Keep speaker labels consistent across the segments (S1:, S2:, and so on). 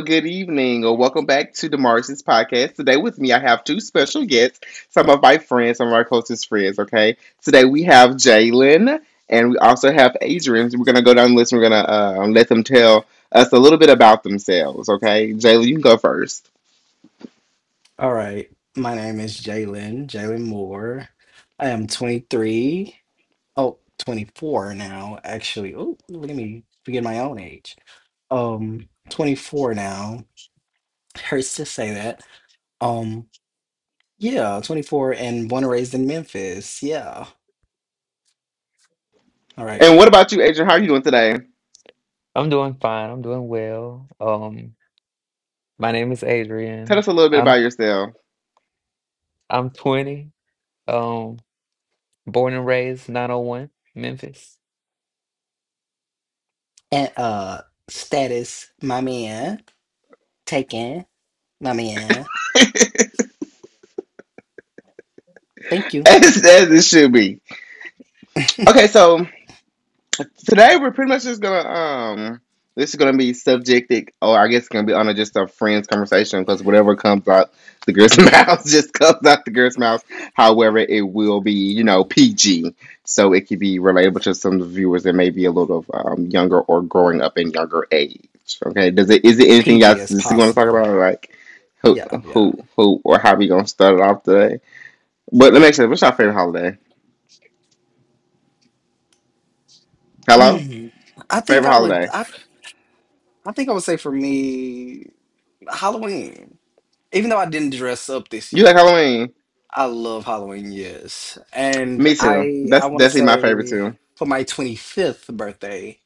S1: good evening, or welcome back to the Martians podcast. Today with me, I have two special guests, some of my friends, some of my closest friends. Okay, today we have Jalen and we also have Adrian. So we're gonna go down the list. And we're gonna let them tell us a little bit about themselves. Okay, Jalen, you can go first.
S2: All right. My name is Jalen, Jalen Moore. I am 23. Oh, 24 now, actually. Oh, look at me. Forget my own age. 24 now. Hurts to say that. Um, yeah, 24 and born and raised in Memphis. Yeah. All right.
S1: And what about you, Adrian? How are you doing today?
S3: I'm doing fine. I'm doing well. My name is
S1: Tell
S3: Adrian.
S1: us a little bit
S3: I'm
S1: about yourself,
S3: I'm 20. Um, born and raised 901 Memphis.
S2: And status, my man. Taken, my man. Thank you.
S1: as it should be. Okay, so today we're pretty much just gonna this is gonna be subjected, or I guess it's gonna be on a, just a friends conversation, because whatever comes out the girl's mouth just comes out the girl's mouth. However, it will be PG, so it could be relatable to some of the viewers that may be a little younger or growing up in younger age. Okay, does it, is it anything y'all
S2: PG as
S1: specifically want to talk
S2: possible.
S1: about? Like who
S2: Yeah, yeah.
S1: who who or how we gonna start it off today? But let me ask you, what's your favorite holiday? Hello,
S2: Hmm. I think
S1: favorite
S2: I would
S1: holiday?
S2: I think I would say for me, Halloween. Even though I didn't dress up this
S1: You like
S2: year,
S1: Halloween?
S2: I love Halloween, yes. And
S1: Me too.
S2: I
S1: That's
S2: want to
S1: definitely my favorite
S2: say
S1: too.
S2: for my 25th birthday,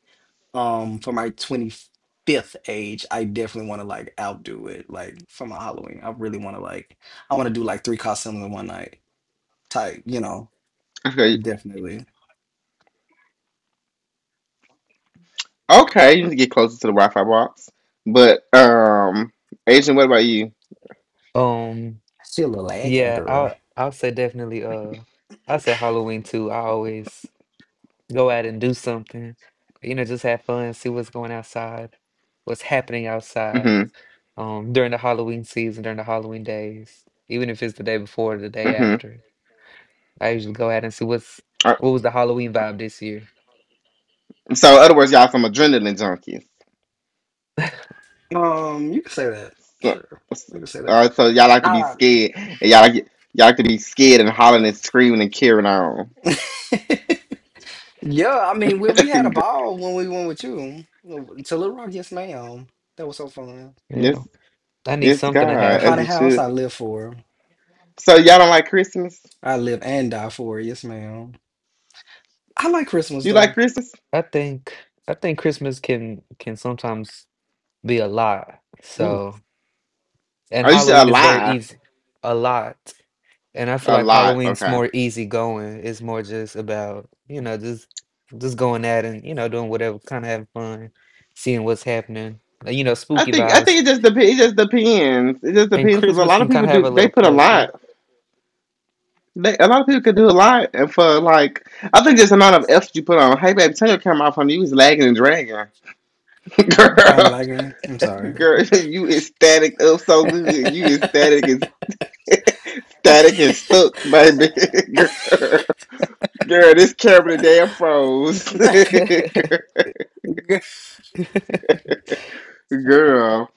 S2: for my 25th age, I definitely want to outdo it like for my Halloween. I really want to do like three costumes in one night type.
S1: Okay,
S2: Definitely.
S1: okay, you need to get closer to the Wi-Fi box. But Asian, what about you?
S3: Um,
S2: Still a little lagging,
S3: yeah,
S2: girl.
S3: I'll say definitely I'll say Halloween too. I always go out and do something. You know, just have fun, see what's going outside, what's happening outside,
S1: Hmm,
S3: during the Halloween season, during the Halloween days, even if it's the day before or the day
S1: hmm.
S3: after. I usually go out and see what was the Halloween vibe this year.
S1: So, in other words, y'all some adrenaline junkies.
S2: You can say that.
S1: So,
S2: Sure. You can say that.
S1: so y'all like to be
S2: Ah.
S1: scared, and y'all like to be scared and hollering and screaming and carrying on.
S2: Yeah, I mean, we had a ball when we went with you to Little Rock. Yes, ma'am. That was so fun.
S3: Yeah.
S1: Yes,
S3: I need
S1: yes,
S3: something to
S2: A
S1: God, as
S2: haunted
S1: it
S3: happen.
S2: house,
S1: should.
S2: I live for.
S1: So y'all don't like Christmas?
S2: I live and die for. Yes, ma'am. I like Christmas
S1: You
S2: though.
S1: like Christmas?
S3: I think I think Christmas can sometimes be a lot.
S2: Ooh,
S3: So, and
S1: Oh, you should
S3: Halloween is very
S1: alive
S3: easy. A lot. And I feel
S1: a
S3: like
S1: lot.
S3: Halloween's
S1: Okay.
S3: more easy going. It's more just about, you know, just going at and, doing whatever, kind of having fun, seeing what's happening. You know,
S1: I
S3: spooky
S1: think I
S3: vibes.
S1: think it just depends. It just depends. It just
S3: And
S1: depends, because a
S3: Christmas
S1: lot of
S3: can
S1: people
S3: kind of have
S1: do.
S3: a
S1: They
S3: little
S1: put a
S3: pressure.
S1: lot. A lot of people could do a lot, and for, like, I think just the amount of effort you put on. Hey, baby, turn your camera off, on. You was lagging and dragging,
S2: oh, I'm
S1: girl.
S2: lagging. I'm sorry.
S1: Girl, you ecstatic up so good. You ecstatic and static and stuck, baby. Girl, girl, this camera damn froze. Girl,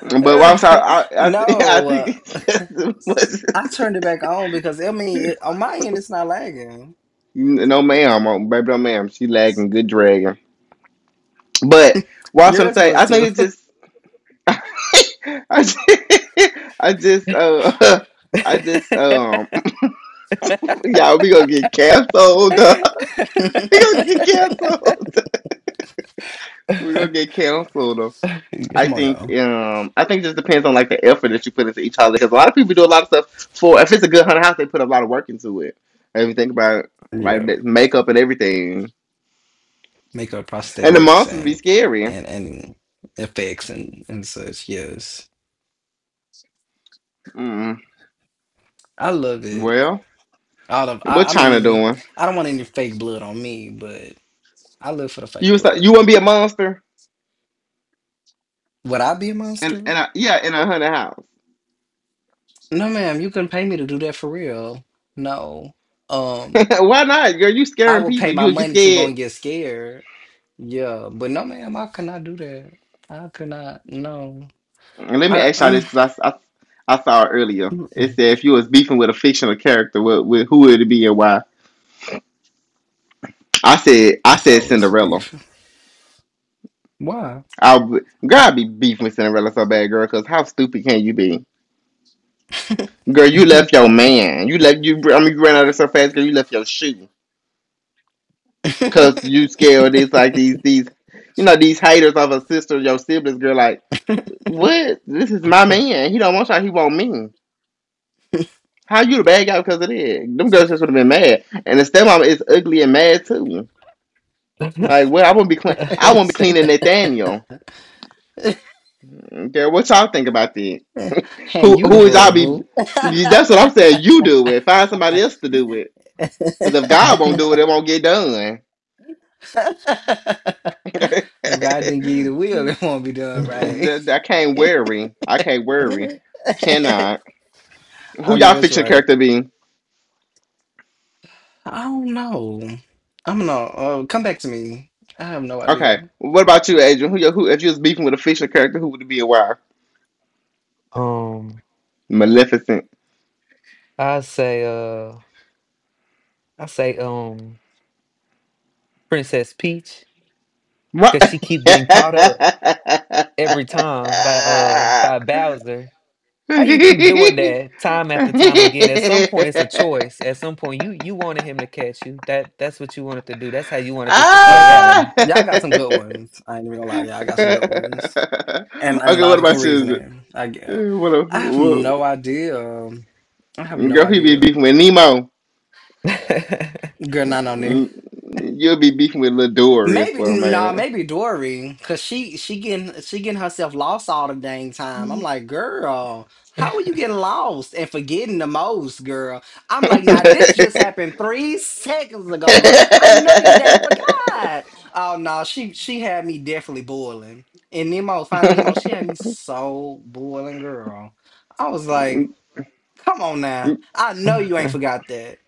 S1: but what, I'm sorry. I
S2: No,
S1: think it's just as
S2: I
S1: much.
S2: turned it back on because I mean, it, on my end, it's not lagging.
S1: You- no, ma'am, oh, baby, no, ma'am. She lagging good dragon. But what I was gonna
S2: Yours
S1: say,
S2: was
S1: I think
S2: too.
S1: it just, I just, I just, uh, I just, um, y'all, we gonna get canceled. We gonna get canceled. We're gonna get canceled.
S2: Come on, y'all.
S1: I think it just depends on, like, the effort that you put into each holiday. Because a lot of people do a lot of stuff for. If it's a good haunted house, they put a lot of work into it. If you think about it, like,
S2: Yeah,
S1: that makeup and everything,
S2: makeup,
S1: and the
S2: prosthetics,
S1: monsters be
S2: and
S1: scary.
S2: and effects and such. Yes.
S1: Mm.
S2: I love it.
S1: Well.
S2: All of
S1: What
S2: I
S1: China
S2: mean,
S1: doing?
S2: I don't want any fake blood on me, but I live for the
S1: You
S2: fake
S1: was like, you want
S2: blood.
S1: to be a monster?
S2: Would I be a
S1: And
S2: monster?
S1: I, yeah, in a hundred house.
S2: No, ma'am, you couldn't pay me to do that for real. No. Um,
S1: Why not, girl? You
S2: I
S1: scaring
S2: would
S1: people.
S2: pay
S1: You
S2: my
S1: would get
S2: money to go
S1: scared.
S2: and get scared. Yeah, but no, ma'am, I could not do that. I could not. No.
S1: And let me
S2: I
S1: ask y'all this, because I saw it earlier. It
S2: mm-mm.
S1: said, if you was beefing with a fictional character, with who would it be and why? I said, I
S2: If I
S1: said
S2: was
S1: Cinderella.
S2: beef, why?
S1: I would- girl, I'd be beefing with Cinderella so bad, girl. Because how stupid can you be, girl? You
S3: Mhm.
S1: left your man. You left you. I mean, you ran out of so fast, girl. You left your shoe because you scared of these, like, these. You know, these haters of a sister, your siblings, girl. Like, what? This is my man. He don't want y'all. He want me. How you the bad guy because of that? Them girls just would have been mad. And the stepmom is ugly and mad too. Like, well, I wouldn't be clean. I wouldn't be cleaning Nathaniel. Okay, what y'all think about that?
S2: Hand
S1: Who
S2: you the
S1: who is y'all
S2: broom,
S1: be?
S2: boo.
S1: That's what I'm saying. You do it. Find somebody else to do it. Because if God won't do it, it won't get done.
S2: If God didn't give you the will, it won't be done right.
S1: I can't worry. I can't worry. Cannot.
S2: I
S1: Who
S2: know
S1: y'all
S2: that's
S1: fiction
S2: right.
S1: character be?
S2: I don't know. I'm gonna come back to me. I have no
S1: Okay.
S2: idea.
S1: What about you, Adrian? Who, you- who, if you was beefing with a fictional character, who would it be and why?
S3: um,
S1: Maleficent.
S3: I say uh I say Princess Peach,
S1: What?
S3: because she keep getting caught up
S1: Ah!
S3: every time by Bowser. How you keep doing
S1: Okay,
S3: that time after time again? At some point, it's a choice. At some point, you wanted him to catch you. That's what you wanted to do. That's how you wanted this to play out.
S2: Okay, y'all got some good ones. I ain't even gonna lie, y'all got some good ones. And
S1: what
S2: logical
S1: about you?
S2: reasoning, I get.
S1: Eh, what a
S2: I have
S1: whoa.
S2: no idea. I have no
S1: Girl, he be
S2: idea.
S1: beefing with Nemo.
S2: Girl, not on there.
S1: Mm, you'll be beefing with Lil Dory or
S2: Maybe no, nah,
S1: something,
S2: maybe Dory, cause she getting herself lost all the dang time. I'm
S1: man.
S2: like, girl, how are you getting lost and forgetting the most, girl? I'm like, now this just happened 3 seconds ago, girl. I know you ain't forgot. Oh no, she had me definitely boiling. And Nemo, finding Nemo, she had me so boiling, girl. I was like, come on now, I know you ain't forgot that.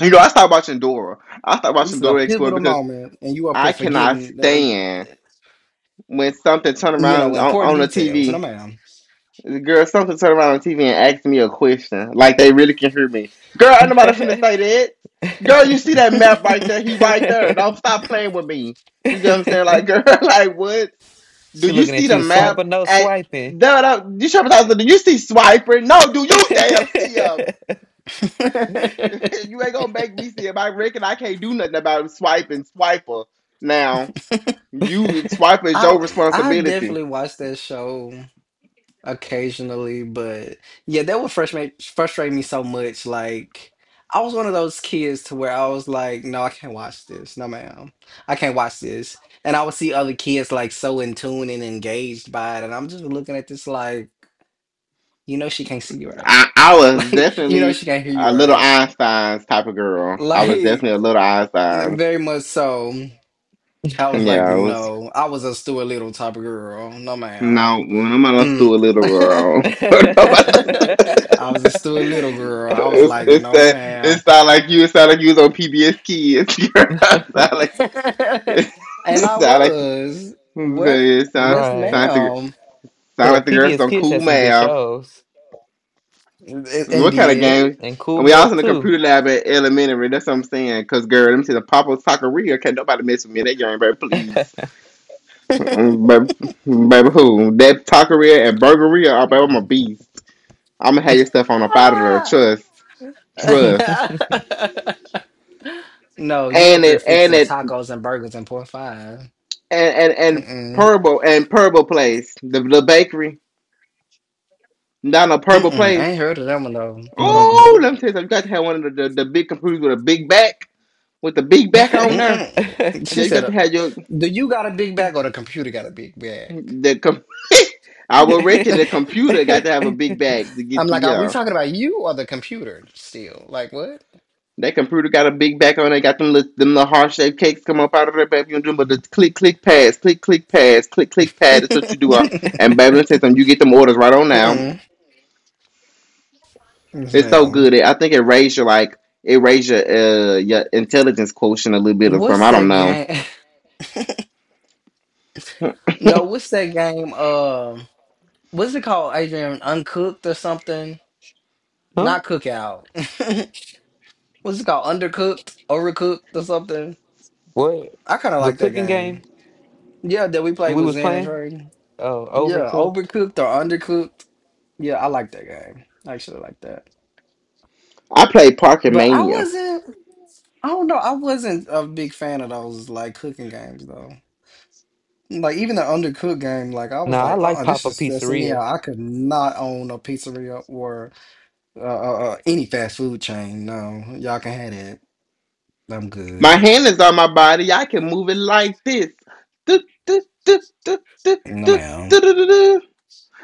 S1: You know, I stopped watching Dora. I stopped watching
S2: This is a
S1: Dora Explorer
S2: pivotal
S1: because
S2: moment, and you up here
S1: I cannot
S2: forgiving
S1: stand when something turn around on,
S2: important
S1: on the
S2: details. No,
S1: TV.
S2: ma'am.
S1: Girl, something turn around on TV and ask me a question. Like, they really can hear me. Girl, ain't nobody finna say that. Girl, you see that map right there? He right there. Don't stop playing with me. You get what I'm saying? Like, girl, like, what? Do
S3: She
S1: you
S3: looking
S1: see
S3: at
S1: the
S3: you. Swipe
S1: map?
S3: or no
S1: At
S3: swiping.
S1: no, no, you sure? Do you see Swiper? No, do you damn see him?
S2: I
S1: You ain't gonna make me see it. I reckon I can't do nothing about swiping swiper now. You, swiper is your responsibility.
S2: definitely watch that show occasionally, but yeah, that would frustrate me so much. Like I was one of those kids to where I was like, no, I can't watch this. No, ma'am, I can't watch this. And I would see other kids like so in tune and engaged by it, and I'm just looking at this like, you know, she can't see you right.
S1: I was
S2: Like, you know,
S1: definitely
S2: she can't hear you
S1: a little
S2: right.
S1: Einstein's type of girl. I was
S2: Like,
S1: definitely a little Einstein's.
S2: very much so. I was
S1: Yeah,
S2: like,
S1: I was,
S2: no, I was a Stuart Little type of girl. No,
S1: no,
S2: ma'am.
S1: when I'm else do a little
S2: Mm.
S1: girl. When a-
S2: I was a Stuart Little girl. I was like,
S1: it's
S2: no,
S1: that it
S2: ma'am.
S1: sound like you, it sound like you was on PBS Kids. It sound like it
S2: And I
S1: sound like,
S2: was. What?
S1: it sound,
S2: Yes,
S3: Right.
S1: sound like.
S2: ma'am.
S3: But
S1: Sound
S3: the
S1: like the girls
S3: PBS
S1: on
S3: Kids
S1: cool
S3: had some good
S1: math.
S3: shows,
S2: And
S1: What kind of
S2: did.
S1: games?
S3: and Cool
S1: And we also
S3: Math
S1: in the
S3: too.
S1: computer lab at elementary. That's what I'm saying. 'Cause girl, them see the Papa Taqueria. Can't nobody mess with me in that game, baby. Please. Mm, baby, baby, who? That Taqueria and Burgeria. Oh, baby, I'm a beast. I'm gonna have your stuff on up out of there.
S2: Ah!
S1: Trust, trust.
S2: No, you
S1: And
S2: up here
S1: it, and
S2: fixing
S1: it, and
S2: tacos and burgers and pork five.
S1: and
S2: Mm-mm.
S1: Purple, and Purple Place, the bakery down at Purple
S2: Mm-mm. I ain't
S1: Place.
S2: heard of that one, though. Hold on,
S3: Mm.
S1: Oh,
S2: what?
S1: let me tell you something. You got to have one of the big computers with a big back, with the big back
S3: Huh?
S1: on there.
S2: Mm-mm. She
S1: Yeah, you
S2: said,
S1: got to have your
S2: "Do you got a big bag or the computer got a big bag?"
S1: the I would reckon the computer got to have a big bag to
S2: I'm
S1: get you.
S2: like, "Are we
S1: Yeah,
S2: talking about you or the computer still? Like what?"
S1: that computer got a big bag on it. Got them little heart shaped cakes come up out of there, baby. You do but the click click pass, click click pass, click click pad. That's what you do. And baby, let me tell something. You get them orders right on now.
S2: Mm-mm. Yes,
S1: It's so
S2: ma'am.
S1: good. It, I think it raised your, like, it raised your intelligence quotient a little bit or something.
S2: What's
S1: I don't
S2: that
S1: know.
S2: game? No, what's that game? What's it called, Adrian? Uncooked or something? Not cookout. What's it called? Undercooked, overcooked, or something?
S3: What?
S2: I kind of
S3: The
S2: like that
S3: cooking game
S2: game. Yeah, that we played
S3: we
S2: with
S3: was
S2: Zen and
S3: playing?
S2: Trey.
S3: Oh,
S2: Yeah,
S3: Overcooked.
S2: overcooked or undercooked. Yeah, I like that game. I actually like that.
S1: I played Parker
S2: But
S1: Mania.
S2: I don't know, I wasn't a big fan of those like cooking games though. Like even the undercooked game, like I was
S3: Nah, I
S2: like, uh-uh,
S3: like
S2: this
S3: Papa
S2: is stressing me out.
S3: Pizzeria.
S2: I could not own a pizzeria or any fast food chain. No, y'all can have it. I'm
S1: My
S2: good.
S1: hand is on my body. I can move it like this. Do, do, do, do, do,
S2: Mm, no,
S1: do, do,
S2: ma'am.
S1: do, do.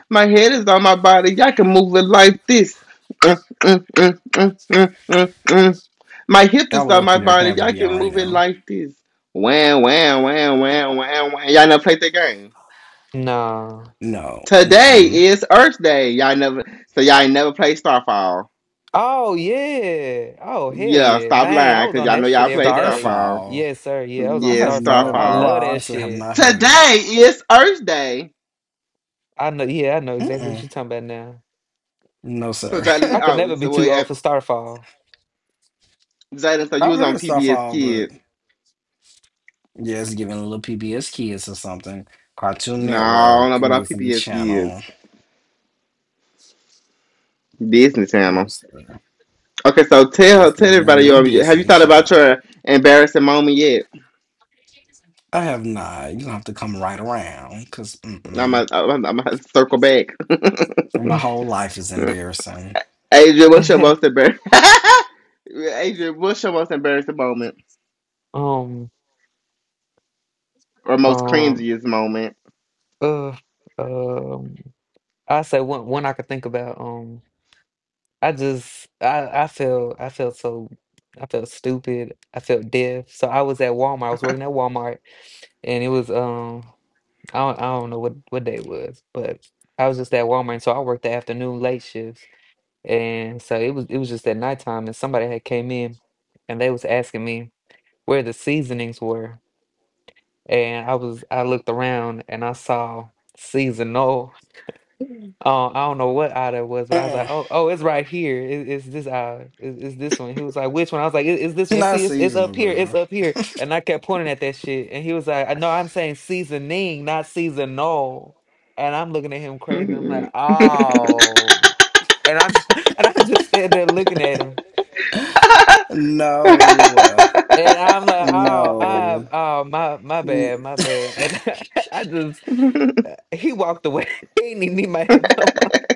S1: My head is on my body. I can move it like this. Mm, mm, mm, mm, mm, mm, mm. My hip
S2: I
S1: is
S2: would
S1: on
S2: love for
S1: my
S2: your account
S1: body.
S2: to
S1: I
S2: be on
S1: can
S2: right
S1: move it
S2: now.
S1: like this. Wham, wham, wham, wham, wham, wham. Y'all never played that game.
S3: Nah.
S2: No,
S1: Today
S2: mm-mm.
S1: is Earth Day. Y'all never, so y'all ain't never played Starfall.
S3: Oh yeah. Oh hell
S1: Yeah,
S3: yeah.
S1: stop
S3: Man, I
S1: lying,
S3: was
S1: cause
S3: on
S1: y'all
S3: that
S1: know
S3: shit
S1: y'all
S3: every
S1: play
S3: day.
S1: Starfall.
S2: Starfall.
S3: Yes, sir. Yeah, I
S1: Yes,
S3: was on
S2: I
S1: yeah,
S2: have
S3: Starfall.
S2: never,
S3: I
S2: no,
S1: Starfall.
S3: love
S2: I
S3: that
S2: honestly have
S3: shit.
S2: not heard of that.
S1: Today is Earth Day.
S3: I know, yeah, I know exactly what
S2: Mm-mm.
S3: you're talking about.
S2: No,
S1: So
S2: sir.
S1: Jolly,
S3: I could
S1: oh,
S3: never be
S1: so
S3: too
S1: wait,
S3: old for Starfall.
S1: Jalen, so you
S2: I've
S1: was
S2: heard
S1: on
S2: of
S1: PBS
S2: Starfall, but
S1: Kids.
S2: yeah, it's giving little PBS Kids or something. Cartoon
S1: No, I don't
S2: Network,
S1: know about our
S2: Disney
S1: PBS Kids.
S2: Channel.
S1: Disney
S2: No,
S1: Channel.
S2: sir.
S1: Okay, so
S2: Yeah,
S1: tell her,
S2: it's
S1: tell
S2: giving a
S1: everybody
S2: little
S1: your. Have you
S2: Disney
S1: thought about
S2: Channel.
S1: your embarrassing moment yet?
S2: I have not. You don't have to come right around because
S1: I'm gonna,
S2: mm-mm,
S1: I'm gonna I'm gonna circle back.
S2: my whole life is embarrassing.
S1: Adrian, what's your most embarrassing? Adrian, what's your most embarrassing moment
S3: um,
S1: or most
S3: um,
S1: cringiest moment?
S3: uh, um, I say one I could think about. I just I felt I felt stupid. I felt deaf. So I was at Walmart. I was working at Walmart, and it was I don't know what day it was, but I was just at Walmart. And so I worked the afternoon late shifts, and so it was just at nighttime, and somebody had came in, and they was asking me where the seasonings were. And I looked around and I saw seasonal. I don't know what aisle that was, but I was like,
S2: Mm-mm.
S3: oh, oh, it's right here. It's this aisle. It's this one. He was like, which one? I was like, it's this one.
S2: Not
S3: See, it's up
S2: seasonal,
S3: here. It's
S2: girl.
S3: up here. And I kept pointing at that shit. And he was like, no, I'm saying seasoning, not seasonal. And I'm looking at him crazy. I'm like, oh. And I'm and I'm just standing there looking at him.
S2: No,
S3: And I'm like, oh, I,
S2: no.
S3: oh, my bad, my bad.
S2: I
S3: And I just he walked away. He didn't even need my help no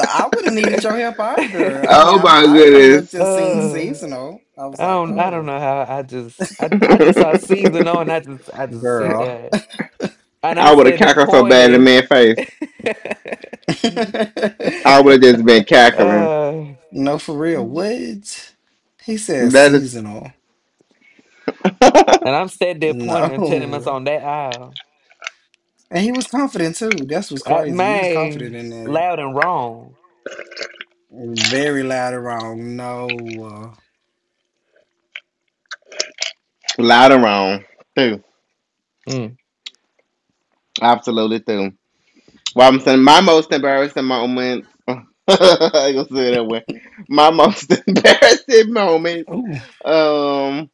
S2: I wouldn't needed your help
S3: more.
S2: either. I mean,
S1: Oh my
S2: I could have looked
S1: goodness.
S2: and seen
S3: uh,
S2: seasonal. I was
S3: I
S2: like,
S3: don't. I don't
S2: oh,
S3: know how. I just. I. Just saw season on. I just. I just sit
S2: girl.
S3: there and I'm
S1: I would have
S3: standing there
S1: cackled so bad in the
S3: pointing.
S1: man's face.
S3: uh,
S1: I would have just been cackling.
S3: and
S2: No, for real. What? He said
S1: That is
S2: seasonal.
S3: I'm standing there pointing and telling us
S2: No.
S3: on that aisle.
S2: And he was confident too. That's what's crazy. He was confident
S3: Man,
S2: in that.
S3: loud and wrong.
S2: Very loud and wrong. No.
S1: loud and wrong. Too.
S3: Mm.
S1: Absolutely too. Well, I'm saying my most embarrassing moment. I ain't gonna say it that way. My most embarrassing moments.
S2: Ooh.
S1: Um.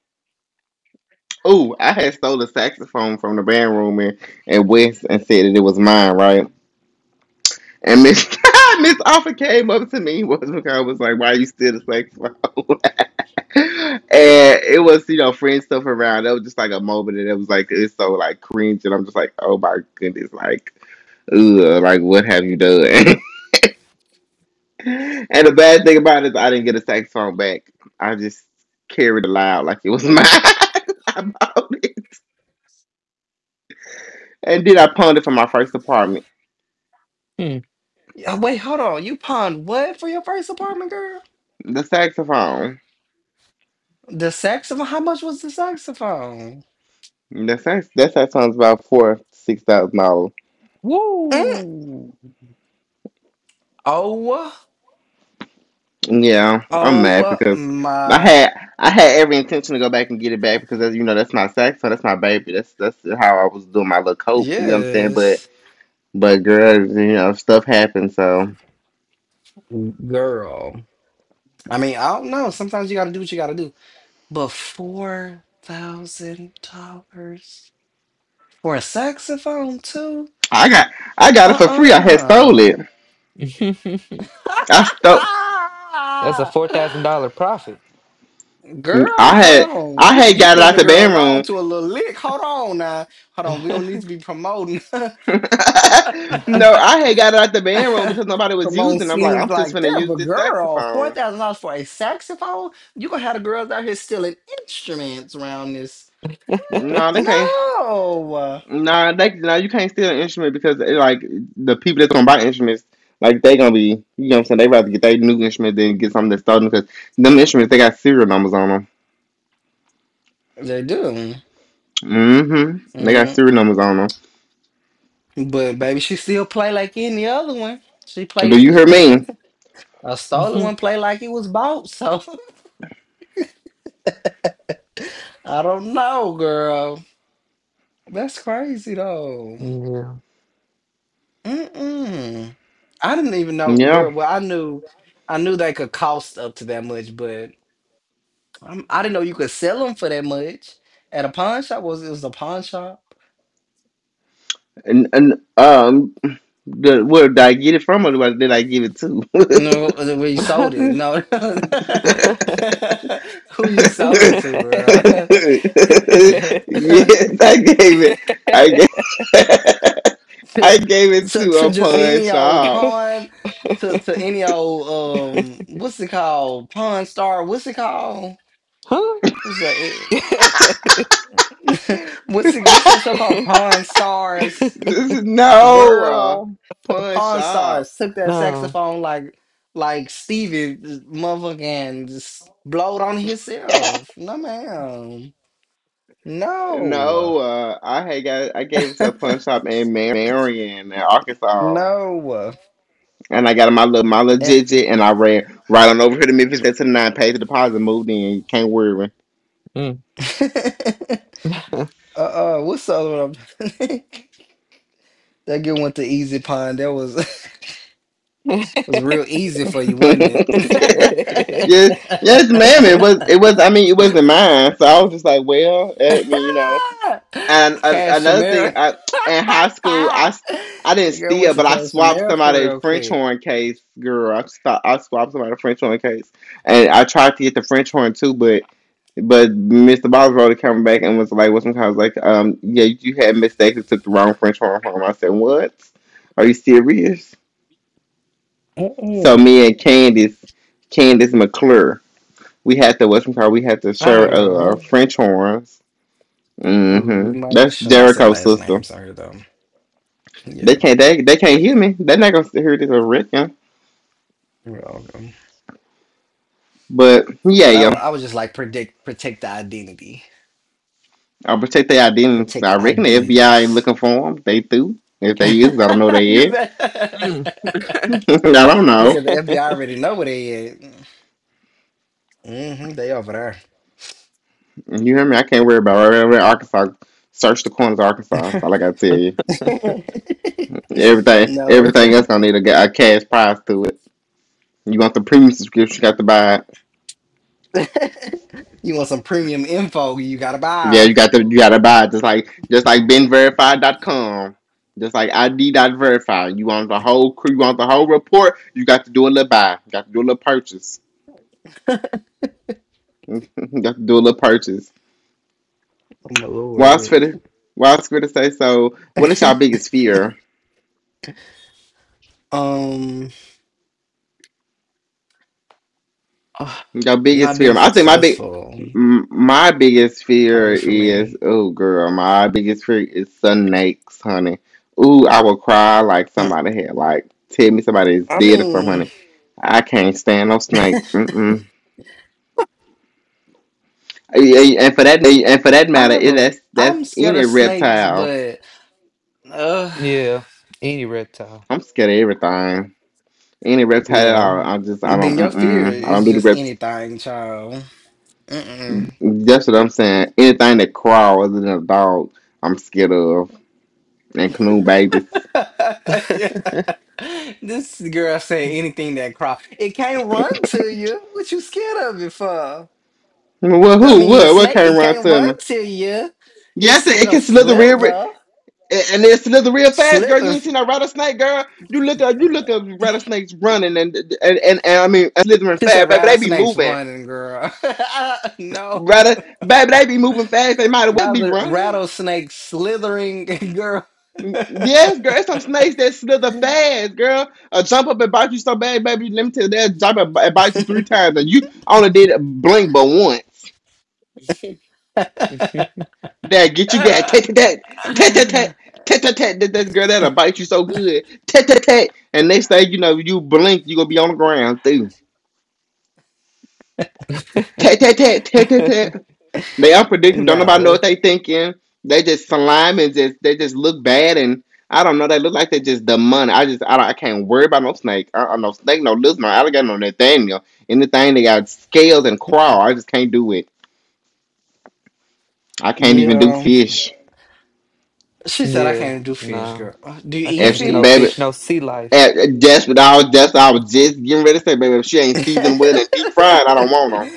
S1: Oh, I had stole a saxophone from the band room, and West, and said that it was mine, right? And Miss Miss Offer came up to me, was because I was like, why you steal the saxophone? And it was, you know, friend stuff around. That was just like a moment, and it was like, it's so like cringe, and I'm just like, oh my goodness, like, ugh, like what have you done? And the bad thing about it is I didn't get a saxophone back. I just carried it loud like it was mine. I bought it. And then I pawned it for my first apartment.
S3: Mm.
S2: Yeah, wait, hold on. You pawned what for your first apartment, girl?
S1: The saxophone.
S2: The saxophone? How much was the saxophone?
S1: The sax, that saxophone's about four six thousand dollars.
S2: Mm.
S3: Woo!
S2: Oh,
S1: Yeah, I'm mad
S2: oh
S1: because I
S2: my.
S1: had I had every intention to go back and get it back, because as you know, that's my saxophone, that's my baby. That's how I was doing my little cope. You know what I'm saying? But
S2: Yes.
S1: but girl, stuff happened. So
S2: Girl. I mean, I don't know. Sometimes you gotta do what you gotta do. But $4,000 for a saxophone too?
S1: I got I got it for free. I had stole it.
S2: Uh-uh.
S1: I stole.
S3: That's a four thousand dollar profit.
S2: Girl,
S1: I
S2: hold
S1: had
S2: on.
S1: I
S2: You
S1: had got it
S2: putting
S1: out
S2: the
S1: the
S2: girls on
S1: bedroom.
S2: to a little lick. Hold on now. Hold on. We don't need to be promoting
S1: No, I had got it out the bedroom because nobody was
S2: promoting
S1: using it. I'm like
S2: schemes
S1: I'm just
S2: like
S1: gonna
S2: that.
S1: use
S2: But
S1: this
S2: girl, four
S1: saxophone.
S2: thousand dollars for a saxophone? You gonna have the girls out here stealing instruments around this.
S1: No, they
S2: What?
S1: can't.
S2: No.
S1: Nah, you can't steal an instrument because like the people that's gonna buy instruments, like they gonna be, you know what I'm saying? They rather get their new instrument than get something that's stolen because them instruments, they got serial numbers on them.
S2: They do.
S1: Mm-hmm. They got
S2: Mm.
S1: serial numbers on them.
S2: But baby, she still play like any other one. She play
S1: Do you hear me?
S2: a stolen
S3: Mhm.
S2: one play like it was bought. So I don't know, girl. That's crazy though.
S3: Yeah.
S2: Mm-mm. I didn't even know,
S1: Yeah.
S2: girl. Well, I knew they could cost up to that much, but I did not know you could sell them for that much at a pawn shop. Was it was a pawn shop?
S1: And where did I get it from, or did I give it to?
S2: No, where you sold it. No, who you sold
S1: Yes,
S2: it to, girl? to,
S1: I gave it. I gave. I gave it to
S2: to
S1: a
S2: just
S1: pawn
S2: any old
S1: shop.
S2: pawn to
S3: Huh?
S2: any old what's it called pawn star what's it called what's the what's it, what's that show called pawn stars
S1: This is no
S2: girl
S1: pawn
S2: pawn
S1: shop.
S2: stars took that
S3: No.
S2: saxophone like Stevie just motherfucking just blowed on himself no ma'am no
S1: No, I had got I gave it to a pawn shop in Marion, in Arkansas,
S2: no
S1: and I got my little, my little
S2: and
S1: jiggy, and I ran right on over here to Memphis, right there to the nine, paid the deposit, moved in. You can't worry.
S3: Mm.
S2: What's the other one? I'm- that good one to Easy Pine. That was was real easy for you, wasn't
S1: Yes,
S2: it?
S1: yes, yes, ma'am. It was. I mean, it wasn't mine, so I was just like, well, I mean. And another thing,
S2: Cashmere.
S1: in high school, I didn't
S2: The girl
S1: steal,
S2: went to
S1: but I swapped
S2: Cashmere
S1: somebody's
S2: real
S1: French
S2: quick.
S1: horn case, girl. I swapped somebody's French horn case, and I tried to get the French horn too, but Mr. Bob's rolled came back and was like, "What's some kind?" I was like, yeah, you had mistakes and took the wrong French horn home." I said, "What? Are you serious?" So
S2: Mm-mm.
S1: me and Candace, Candace McClure, we had to, what's some called? We had to
S2: I heard
S1: share
S2: of her.
S1: French horns.
S2: Ooh,
S1: Hmm.
S2: we might
S1: That's
S2: should not say
S1: Jericho's
S2: last
S1: sister.
S2: names on here though.
S1: They
S2: Yeah,
S1: can't they, they can't hear me. They're not gonna hear this, I reckon.
S2: we're all good.
S1: But yeah, yeah.
S2: I would just like predict protect the identity,
S1: I'll protect their identities. I
S2: protect
S1: reckon the FBI ain't
S2: identities.
S1: looking for them. They do. If they is, I don't know they
S2: You
S1: is.
S2: said.
S3: Mm.
S1: I don't
S2: You said
S1: know.
S2: the FBI already know where they at. Mm-hmm, they over
S1: You hear me? I can't worry about it. Arkansas. Search the corners of Arkansas. That's all I gotta tell you.
S2: there.
S1: Everything
S2: No.
S1: everything else gonna need a cash prize to it. You want the premium subscription, you got to buy.
S2: You want some premium info, you gotta buy
S1: Yeah, you
S2: her.
S1: got to, you gotta buy it. Just like BenVerified.com. Just like ID dot ID.verify. You want the whole crew, you want the whole report, you got to do a little buy. You got to do a little purchase. You got to do a little purchase.
S2: Oh my
S1: Why it's for
S2: lord.
S1: the? Why it's for to say so? What is y'all biggest fear?
S2: um ah,
S1: Your biggest
S2: not
S1: fear.
S2: being
S1: I think my big,
S2: successful.
S1: m- my biggest fear
S2: Probably for
S1: is,
S2: me.
S1: oh girl, my biggest fear is snakes, honey. Ooh, I will cry like
S2: Mm,
S1: somebody had like tell me somebody is
S2: I
S1: dead or something,
S2: mean,
S1: honey. I can't stand no snake. Mm-mm. And for that
S2: I
S1: matter,
S2: have
S1: it,
S2: a
S1: that's
S2: I'm scared
S1: any
S2: of snakes,
S1: reptiles.
S2: but uh
S3: Yeah. Any reptile.
S1: I'm scared of everything. Any reptile at
S2: yeah.
S1: all. I don't.
S2: Then your fear
S1: Mm-mm. I don't
S2: is
S1: do the
S2: just
S1: rept.
S2: anything, child. Mm-mm.
S1: That's what I'm saying. Anything that crawls other than a dog, I'm scared of. And canoe babies.
S2: Yeah. This girl said anything that crawls. It can't run to you. What you scared of it for?
S1: Well,
S2: I
S1: who?
S2: mean, the
S1: What? What
S2: snake,
S1: came
S2: it
S1: around
S2: can't
S1: to me?
S2: run to you.
S1: Yes,
S2: It's
S1: it
S2: it'll
S1: can slither real,
S2: slither.
S1: and it slither real fast, girl. You
S2: Slither.
S1: ain't seen a rattlesnake, girl. You look up rattlesnakes running, I mean, slithering
S2: She
S1: fast,
S2: said
S1: baby. They be
S2: rattlesnakes
S1: moving,
S2: running, girl. No.
S1: rather, baby. They be moving fast. They might as well be
S2: Rather,
S1: running.
S2: rattlesnake slithering, girl.
S1: Mm, yes, girl. There's some snakes that slither fast, girl. Jump up and bite you so bad, baby. Let me tell you, they'll jump up and bite you three times, and you only did blink but once. That get you got tat tat tat tat tat tat tat tat tat that that girl, that'll bite you so good, tat tat tat, and next thing you know, you blink, you gonna be on the ground too. Tat tat tat tat tat tat. They unpredictable. Don't nobody know
S2: No.
S1: what they thinking. They just slime and just, they just look bad, and I don't know, they look like they just the money. I just, I don't, I can't worry about no snake. I No snake, no lizard, no alligator, no Nathaniel, anything they got scales and crawl, I just can't do it. I can't even do
S2: Yeah.
S1: fish.
S2: She said I
S3: Yeah.
S2: can't do fish,
S3: No.
S2: girl. Do you
S3: I
S2: eat
S3: can't
S1: If
S3: do no
S1: baby,
S3: fish,
S2: fish?
S3: no sea life.
S1: That's what I was. That's what I was just getting ready to say, baby. If she ain't
S2: I'm
S1: seasoned well and deep fried, I don't want her.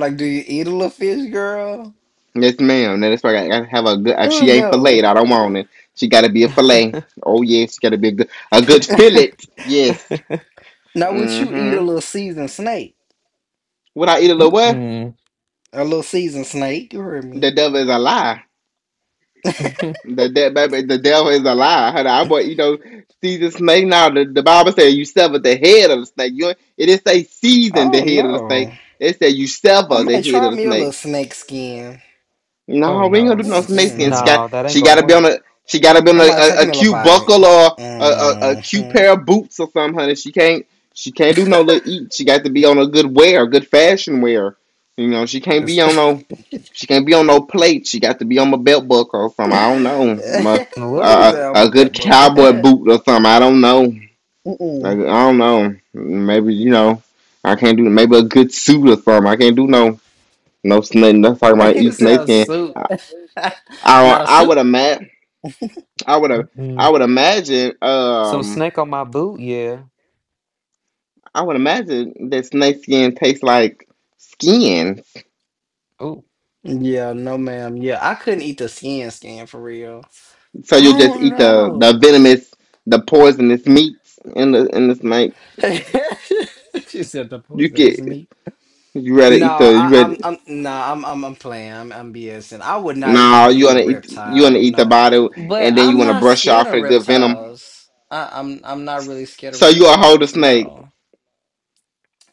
S2: like, do you eat a little fish, girl?
S1: Yes, ma'am. That's why I gotta have a good.
S2: I
S1: If she
S2: don't
S1: ain't
S2: know.
S1: filleted, I don't want it. She gotta be a fillet. Oh yes, she gotta be a good fillet. Yes.
S2: Now would you eat a
S1: Mm-hmm.
S2: little seasoned snake?
S1: Would I eat a little what?
S3: Mm-mm.
S2: A little seasoned snake? You heard
S1: The
S2: me.
S1: devil is a lie. Baby, the devil is a lie. Honey, I want you know season snake. Now the Bible says you sever the head of the snake. You It didn't say
S2: I
S1: season the
S2: don't
S1: head of the snake.
S2: know.
S1: It said you
S2: I
S1: sever the
S2: might
S1: head of
S2: try
S1: the
S2: me a little
S1: snake.
S2: snake skin.
S3: Oh
S1: No, we ain't
S3: no.
S1: gonna do no snakeskin. She got
S2: Mm,
S3: No, that ain't
S1: she
S3: gonna
S1: gotta be on
S3: work.
S1: a she gotta be
S2: I
S1: on
S2: might take
S1: a
S2: me a little
S1: cute
S2: bite.
S1: buckle or a cute
S2: Mm-hmm.
S1: pair of boots or something, honey. She can't do no little eat. She got to be on a good wear, good fashion wear. You know, she can't be on no plate. She got to be on a belt buckle or something. I don't know. My,
S3: What?
S1: a
S2: I'm a
S1: a good
S2: bet book.
S1: cowboy boot or something. I don't know. I
S2: Mm-mm.
S1: don't know. Maybe you know. I can't do, maybe a good suit or something. I can't do no snake. That's talking about eat
S2: You sound
S1: snakeskin.
S2: soup.
S1: I
S2: Not a
S1: I would
S2: soup.
S1: imagine. I would have. I
S3: Mm-mm.
S1: would imagine.
S3: Some snake on my boot, yeah.
S1: I would imagine that snake skin tastes like skin.
S3: Ooh.
S2: Yeah, no, ma'am. Yeah, I couldn't eat the skin for real.
S1: So you'll
S2: I
S1: just
S2: don't
S1: eat the
S2: know.
S1: venomous, the poisonous meats in the snake.
S2: She said the
S1: You
S2: poisonous
S1: could,
S2: meat.
S1: you rather
S2: No,
S1: eat the, you rather,
S2: no, I'm playing. I'm BSing. I would not eat
S1: no, you
S2: any
S1: wanna eat, you wanna
S2: reptile.
S1: eat the
S2: No,
S1: body,
S2: but
S1: and then you
S2: I'm
S1: wanna
S2: not
S1: brush
S2: scared
S1: off
S2: of
S1: a good venom.
S2: reptiles. I'm not really scared of
S1: So you a hold a
S2: reptiles.
S1: snake.
S2: No,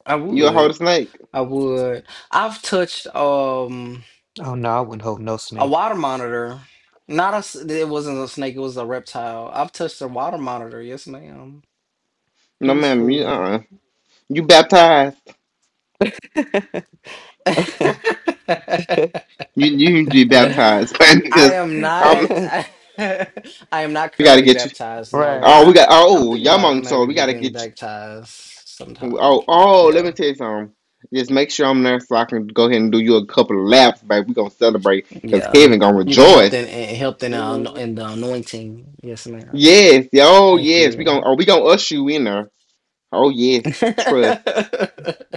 S2: I
S1: You a hold
S2: would,
S1: a snake.
S2: I would. I've touched.
S3: Oh no, I wouldn't hold no
S2: A
S3: snake.
S2: water monitor. Not a. It wasn't a snake. It was a reptile. I've touched a water monitor. Yes, ma'am.
S1: No,
S2: He was
S1: ma'am, you
S2: cool.
S1: uh uh you baptized.
S2: I
S1: You need to be baptized because
S2: am not.
S1: um
S2: I am not
S1: we gotta
S2: currently
S1: get you.
S2: baptized. No, but
S1: Oh,
S3: Right.
S1: we
S2: I.
S1: got.
S2: I'm
S1: Oh,
S2: thinking about
S1: Yamon. So
S2: maybe
S1: we got to
S2: begin
S1: get
S2: baptized
S1: you.
S2: sometime.
S1: Oh, oh. Let
S2: Yeah,
S1: me tell you something. Just make sure I'm there so I can go ahead and do you a couple of laps, baby. We gonna celebrate because
S2: yeah.
S1: heaven gonna
S2: You're gonna help in
S1: rejoice.
S2: help in
S3: Mm.
S2: in the anointing. Yes, ma'am.
S1: Yes. Yeah. Oh,
S2: Thank
S1: yes. We
S2: you.
S1: gonna. Oh, we gonna usher you in there. Oh, yes. Trust.
S2: Oh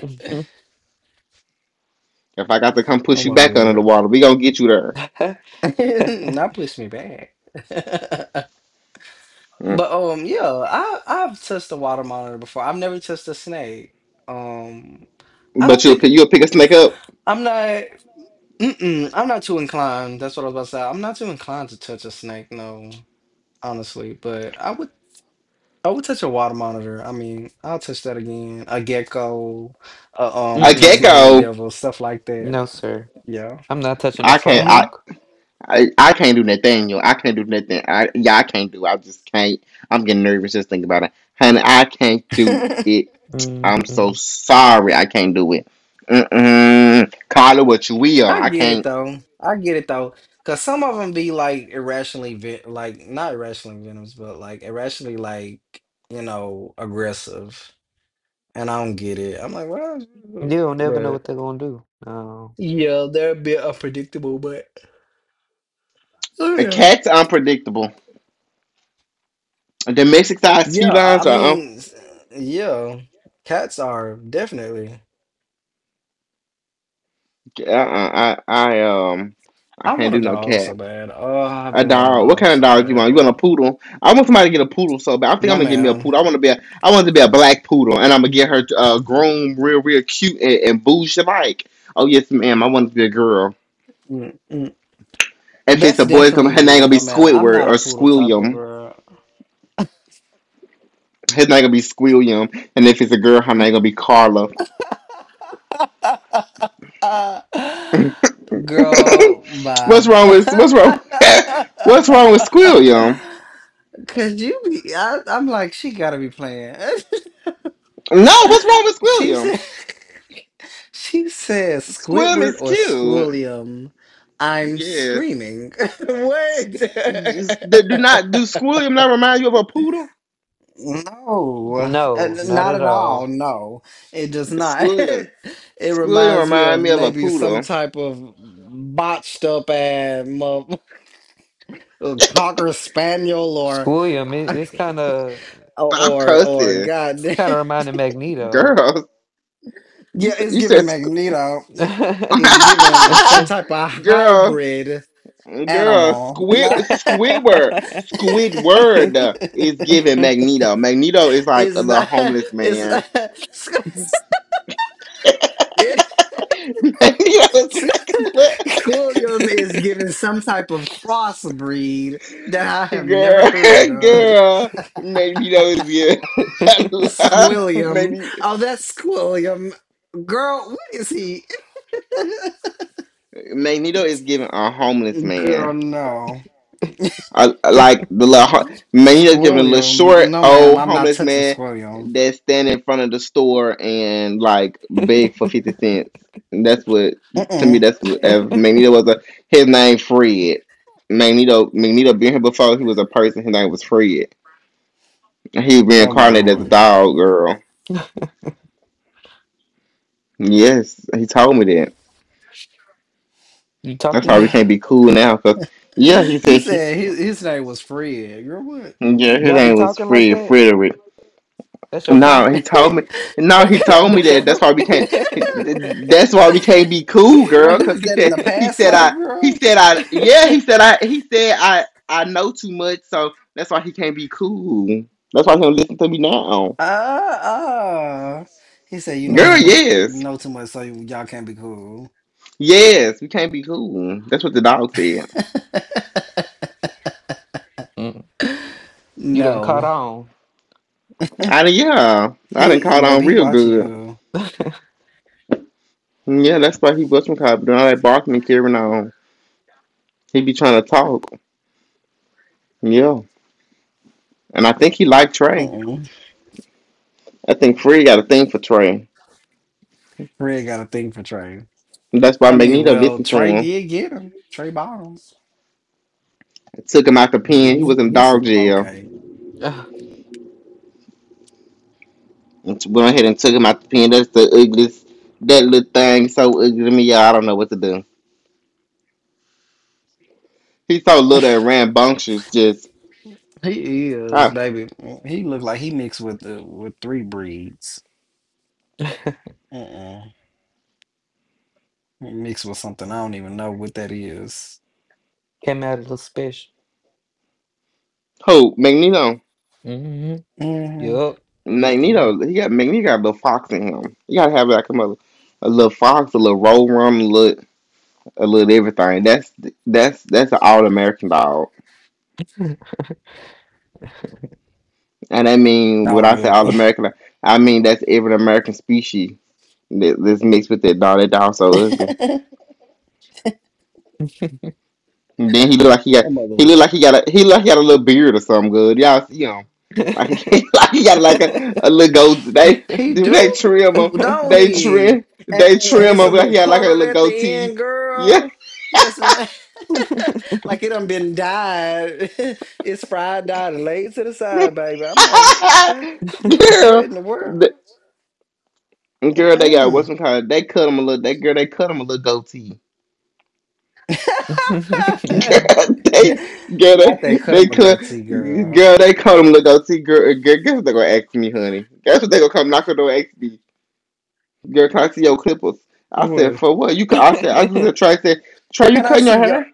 S1: If I got to come push
S2: my
S1: you back under the
S2: lord.
S1: water, we gonna get you there.
S2: Not push me back.
S1: Mm.
S2: But yeah, I've touched a water monitor before. I've never touched a snake. Um I don't
S1: But you'll
S2: think
S1: pick. You'll pick a snake up.
S2: I'm not mm-mm, I'm not too inclined. That's what I was about to say. I'm not too inclined to touch a snake, no, honestly. But I would touch a water monitor. I mean, I'll touch that again. A gecko, a
S1: A
S3: Mm-mm.
S2: Tasmanian
S1: gecko.
S2: devil, stuff like that.
S3: No, sir.
S2: Yeah.
S3: I'm not touching a
S1: I can't.
S2: Hmm.
S1: I.
S3: frog.
S1: I can't do Nathaniel. I can't do nothing. I Yeah, I can't do. I just can't. I'm getting nervous just thinking about it. Honey, I can't do it.
S3: Mm-mm.
S1: I'm so
S3: You
S1: sorry. I can't do it. Mm-mm. Call it what you will.
S2: I
S1: I
S2: get it
S1: can't.
S2: though. I get it though. Cause some of them be like irrationally, like not irrationally venomous, but like irrationally, like, aggressive. And I don't get it. I'm like, well,
S3: don't never know
S2: but
S3: what they're gonna do. No,
S2: yeah, they're a bit unpredictable, but oh
S1: A
S2: yeah,
S1: cat's are unpredictable. Domestic sized
S2: yeah. I
S1: felines
S2: I
S1: are
S2: mean, s- yeah, cats are definitely.
S1: uh-uh, I
S2: I
S1: can't
S2: want a
S1: do no
S2: dog so
S1: cat.
S2: bad. Oh, I've
S1: A
S2: been wanting a
S1: dog. What
S2: dog
S1: kind of
S2: so
S1: dog you want? You want
S2: bad.
S1: a poodle? I want somebody to get a poodle so bad. I think I'm
S2: No,
S1: gonna get me a
S2: ma'am.
S1: poodle. I want to be a. I want to be a black poodle, and I'm gonna get her groomed real, real cute and, bougie like. Oh yes, ma'am. I want it to be a girl.
S2: Mm-mm.
S1: If it's
S2: That's
S1: a boy, it's gonna,
S2: definitely
S1: her name
S2: you.
S1: gonna be
S2: No, ma'am. I'm
S1: Squidward
S2: not a
S1: or
S2: poodle type of
S1: Squilliam.
S2: girl.
S1: His name gonna be Squilliam, and if it's a girl, her name gonna be Carla.
S2: Girl, bye.
S1: What's wrong? What's wrong with Squilliam?
S2: Cause you be, I'm like, she gotta be playing.
S1: No, what's wrong with
S2: she
S1: Squilliam?
S2: said, she said
S1: Squilliam
S2: Squidward
S1: is
S2: or
S1: cute.
S2: Squilliam. I'm
S1: Yes.
S2: screaming. Wait.
S1: Just, they do not do Squilliam not remind you of a poodle?
S2: No,
S3: no, not
S2: not
S3: at
S2: at all.
S3: all.
S2: No, it does not.
S1: Squilliam.
S2: It
S1: Squilliam
S2: reminds me
S1: remind
S2: of
S1: me of a
S2: maybe some
S1: poodle.
S2: type of botched up and a cocker spaniel or
S3: Squilliam, it's kind
S2: or
S3: of,
S1: I'm
S2: or
S1: cussing.
S3: it's
S2: goddamn.
S3: kind of reminding Magneto.
S1: Girl. You
S2: Yeah,
S1: said
S2: it's
S1: you
S2: giving
S1: said squ-
S2: Magneto. It's giving some type of
S1: Girl.
S2: hybrid
S1: Girl.
S2: animal.
S1: Squidward. Squidward is giving Magneto. Magneto is like
S2: It's
S1: a little
S2: not.
S1: homeless man.
S2: It's.
S1: Magneto is like a little
S2: Squilliam is given some type of crossbreed that I have never
S1: girl.
S2: heard of.
S1: Girl. Magneto is
S2: Squilliam.
S1: giving.
S2: Oh, that's Squilliam. Girl, what is he?
S1: Magneto is giving a homeless man.
S2: Girl, no.
S1: I like the little Magneto's giving a little
S2: Squilliam.
S1: short
S2: No, ma'am,
S1: old
S2: I'm not
S1: homeless
S2: touching
S1: man
S2: Squilliam.
S1: that's standing in front of the store and like beg for 50 cents. And that's what to me.
S2: Mm-mm.
S1: That's what if Magneto was a, his name Fred. Magneto been here before. He was a person. His name was Fred. He was
S2: Oh my
S1: reincarnated as a
S2: lord.
S1: dog, girl. Yes, he told me that.
S3: You talk
S1: That's
S3: to
S1: why we
S3: him?
S1: can't be cool now. Cause yeah, he
S2: You
S1: said he.
S2: said his name was Fred. Girl, what?
S1: Yeah, his
S3: Y'all be
S1: name was
S3: talking like
S1: Fred
S3: that?
S1: Frederick.
S3: That's your
S1: No,
S3: friend.
S1: he told me. No, he told me
S3: That's
S1: that.
S3: Oprah.
S1: That's why we can't be cool,
S2: Well,
S1: girl.
S2: he
S1: Cause
S2: was
S1: he
S2: dead in
S1: said.
S2: the
S1: He
S2: past
S1: said
S2: life,
S1: I. He
S2: girl.
S1: said I. Yeah, he said I. He said I. I. know too much, so that's why he can't be cool. That's why he don't listen to me now,
S2: Ah, ah. He said, "You know
S1: girl.
S2: so
S3: Mm,
S2: much.
S1: Yes,
S2: Know too much, so y'all can't be cool."
S1: yes, we can't be cool. That's what the dog said.
S3: mm. You done caught
S2: No.
S3: on.
S1: I done, yeah, I done
S2: He,
S1: caught on
S2: baby, he
S1: real
S2: watching
S1: good.
S2: you.
S1: Yeah, that's why he was from cop doing all that barking and carrying on. He be trying to talk. Yeah, and I think he liked Trey.
S2: Mm-mm.
S1: I think Fred got a thing for Trey.
S2: Fred got a thing for Trey.
S1: That's why
S2: I mean,
S1: Magneto
S2: well,
S1: listened to
S2: Trey
S1: him.
S2: did get him. Trey bottoms.
S1: It took him out the
S2: Maybe
S1: pen. He
S2: he's
S3: Hmm.
S1: was in
S2: he's
S1: dog jail.
S2: okay.
S1: And went ahead and took him out the pen. That's the ugliest. That little thing so ugly to me, y'all. I don't know what to do. He's so little and rambunctious.
S2: He is,
S1: I,
S2: baby. He looked like he mixed with the with three breeds. Mm-mm. He mixed with something. I don't even know what that is.
S3: Came out a little special.
S1: who Magneto.
S3: Hmm.
S2: Mm-hmm.
S3: Yup.
S2: Mm-mm.
S1: Magneto. He got Magneto got a little fox in him. You gotta have like a mother, a little fox, a little roll rum, a little everything. That's an all American dog. And I mean, when
S2: All
S1: I say all
S2: American.
S1: American, I mean that's every American species. This mixed with that dog so ugly.
S2: Oh
S1: And then he look like he got
S2: my
S1: he look
S2: lord.
S1: like he got a he look like he got a little beard or something good. Y'all see him. Like, he like he got like a little goatee. They
S2: He
S1: do they trim
S2: do,
S1: him.
S2: don't
S1: They
S2: he?
S1: trim
S2: And,
S1: they
S2: and and
S1: trim
S2: it's a
S1: him like
S2: little
S1: he had like a
S2: colored
S1: little
S2: at the
S1: goatee.
S2: end,
S1: Yeah.
S2: girl. Yes, man. Like it done been dyed. It's fried, dyed, and laid to the
S1: Girl.
S2: side, baby. I'm like, what the? What in the world?
S1: The, girl, they got
S2: Mm.
S1: what's it called? They cut him a little goatee. Girl, they, girl,
S2: Not that cut
S1: they
S2: up
S1: could,
S2: got tea, girl.
S1: girl, they call them look up. See, girl, girl, guess what they gonna ask me, honey? Guess what they gonna come knock on the door and ask me? Girl, can I see your clippers? I said,
S2: What?
S1: for what? I said, I looked at Trey. I said, Trey, you
S2: Can I
S1: cutting your
S2: see your?
S1: hair?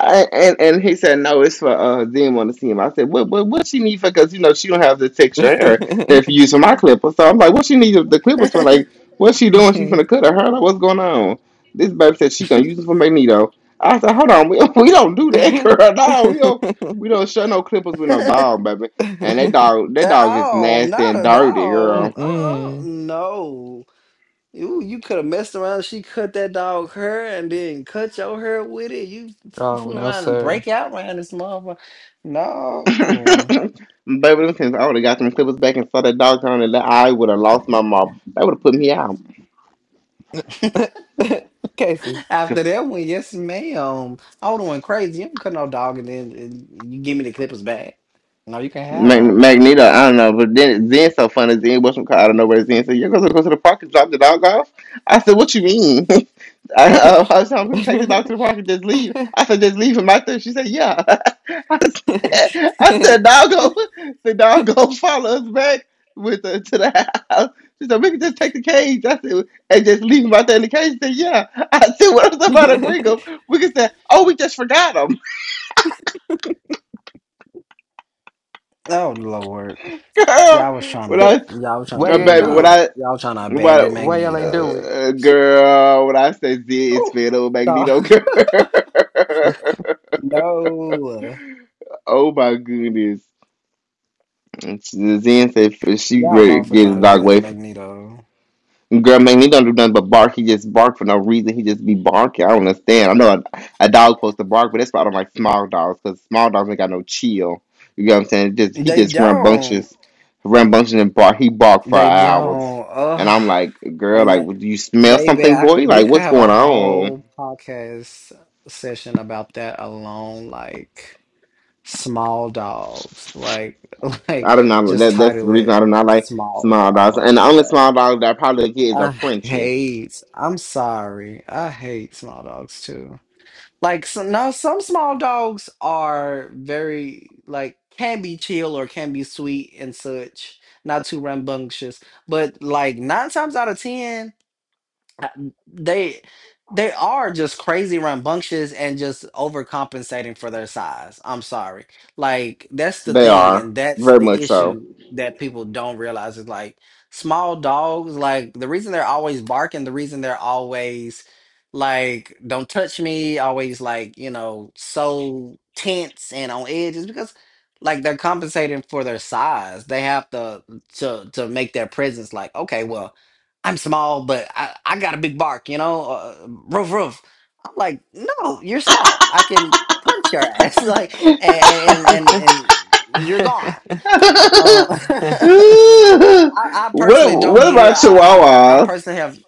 S1: I, and he said no, it's for didn't want to see him. I said, what she need for? Because you know she don't have this extra hair that you use for my clippers. So I'm like, what she need the clippers for?
S2: At
S1: Like, what's she doing? She finna cut her hair? Like, what's going on? This baby said she gonna use it for Magneto. I said, hold on, we don't do that, girl. No, we don't show no clippers with no dog, baby. And that dog is
S2: all?
S1: nasty
S2: Not
S1: and
S2: a
S1: dirty,
S2: dog.
S1: girl.
S2: Uh-uh.
S3: Mm-mm.
S2: No. You could have messed around. She cut that dog hair and then cut your hair with it. You
S3: Oh
S2: fool
S3: no,
S2: around and
S3: sir.
S2: break out around this motherfucker. No.
S1: Baby, since I would have got them clippers back and saw that dog on and that I would have lost my mom. That would have put me out.
S3: Casey.
S2: After that one, yes, ma'am. I would have went crazy. You don't cut no dog and then, you give me the clippers back. No, you can have them.
S1: Magneto, I don't know, but then Zen so funny. Zen was from car, out of nowhere. Zen said, "You're going to go to the park and drop the dog off." I said, "What you mean?" I was telling people take the dog to the park and just leave. I said, "Just leave him out there." She said, "Yeah." I said, doggo, the doggo follow us back with to the house." She said, "We can just take the cage." I said, "And just leave him out there in the cage." She said, "Yeah." I said, "What if somebody bring him?" We can say, "Oh, we just forgot him,
S2: Oh Lord,
S1: girl." When I,
S2: y'all was trying to
S3: Why you
S2: lead the
S3: ain't do
S1: when
S3: it?
S2: dog.
S1: I.
S2: Y'all trying to
S1: What,
S2: abandon
S3: Why y'all ain't
S2: Magneto.
S3: do it?
S1: girl? When I say Z, it's
S2: Oh
S1: Fiddle
S2: no,
S1: Magneto, girl.
S2: no,
S1: Oh my goodness. Zen said she
S2: y'all
S1: ready to
S2: wrong for
S1: get
S2: trying
S1: his
S2: to do
S1: dog
S2: that to
S1: away.
S2: Magneto.
S1: Girl, Magneto don't do nothing but bark. He just bark for no reason. He just be barking. I don't understand. I know a dog's supposed to bark, but that's why I don't like small dogs because small dogs ain't got no chill. You know what I'm saying? Just he
S2: They
S1: just rambunctious,
S2: don't.
S1: rambunctious and bark. He bark for
S2: They
S1: hours,
S2: don't.
S1: and I'm
S2: Ugh.
S1: like, girl,
S2: And
S1: like,
S2: that,
S1: do you smell
S2: baby,
S1: something,
S2: I
S1: boy?
S2: could we
S1: Like,
S2: could
S1: what's
S2: have a
S1: going on?
S2: whole podcast session about that alone, like small dogs. Like like
S1: I do not.
S2: just
S1: That's the
S2: title
S1: reason
S2: it
S1: I do not like
S2: Small
S1: small dogs. And the
S2: Dogs,
S1: only small
S2: bro.
S1: dog that I probably get is a
S2: I
S1: Frenchie.
S2: hate, I'm sorry. I hate small dogs too. Like some, no, some small dogs are very like can be chill or can be sweet and such, not too rambunctious. But like nine times out of ten. Uh, they they are just crazy rambunctious and just overcompensating for their size. I'm sorry. Like that's the
S1: They
S2: thing
S1: are
S2: and that's
S1: very much
S2: the
S1: so.
S2: issue that people don't realize is like small dogs like the reason they're always barking, the reason they're always like don't touch me, always like, so tense and on edge is because like they're compensating for their size. They have to make their presence like, okay, well, I'm small, but I got a big bark, you know? Roof, roof. I'm like, no, you're small. I can punch your ass. Like, and, and, and, and you're gone.
S1: what
S2: Uh, I
S1: What
S2: personally don't get it.
S1: about
S2: I
S1: Chihuahuas?
S2: personally have,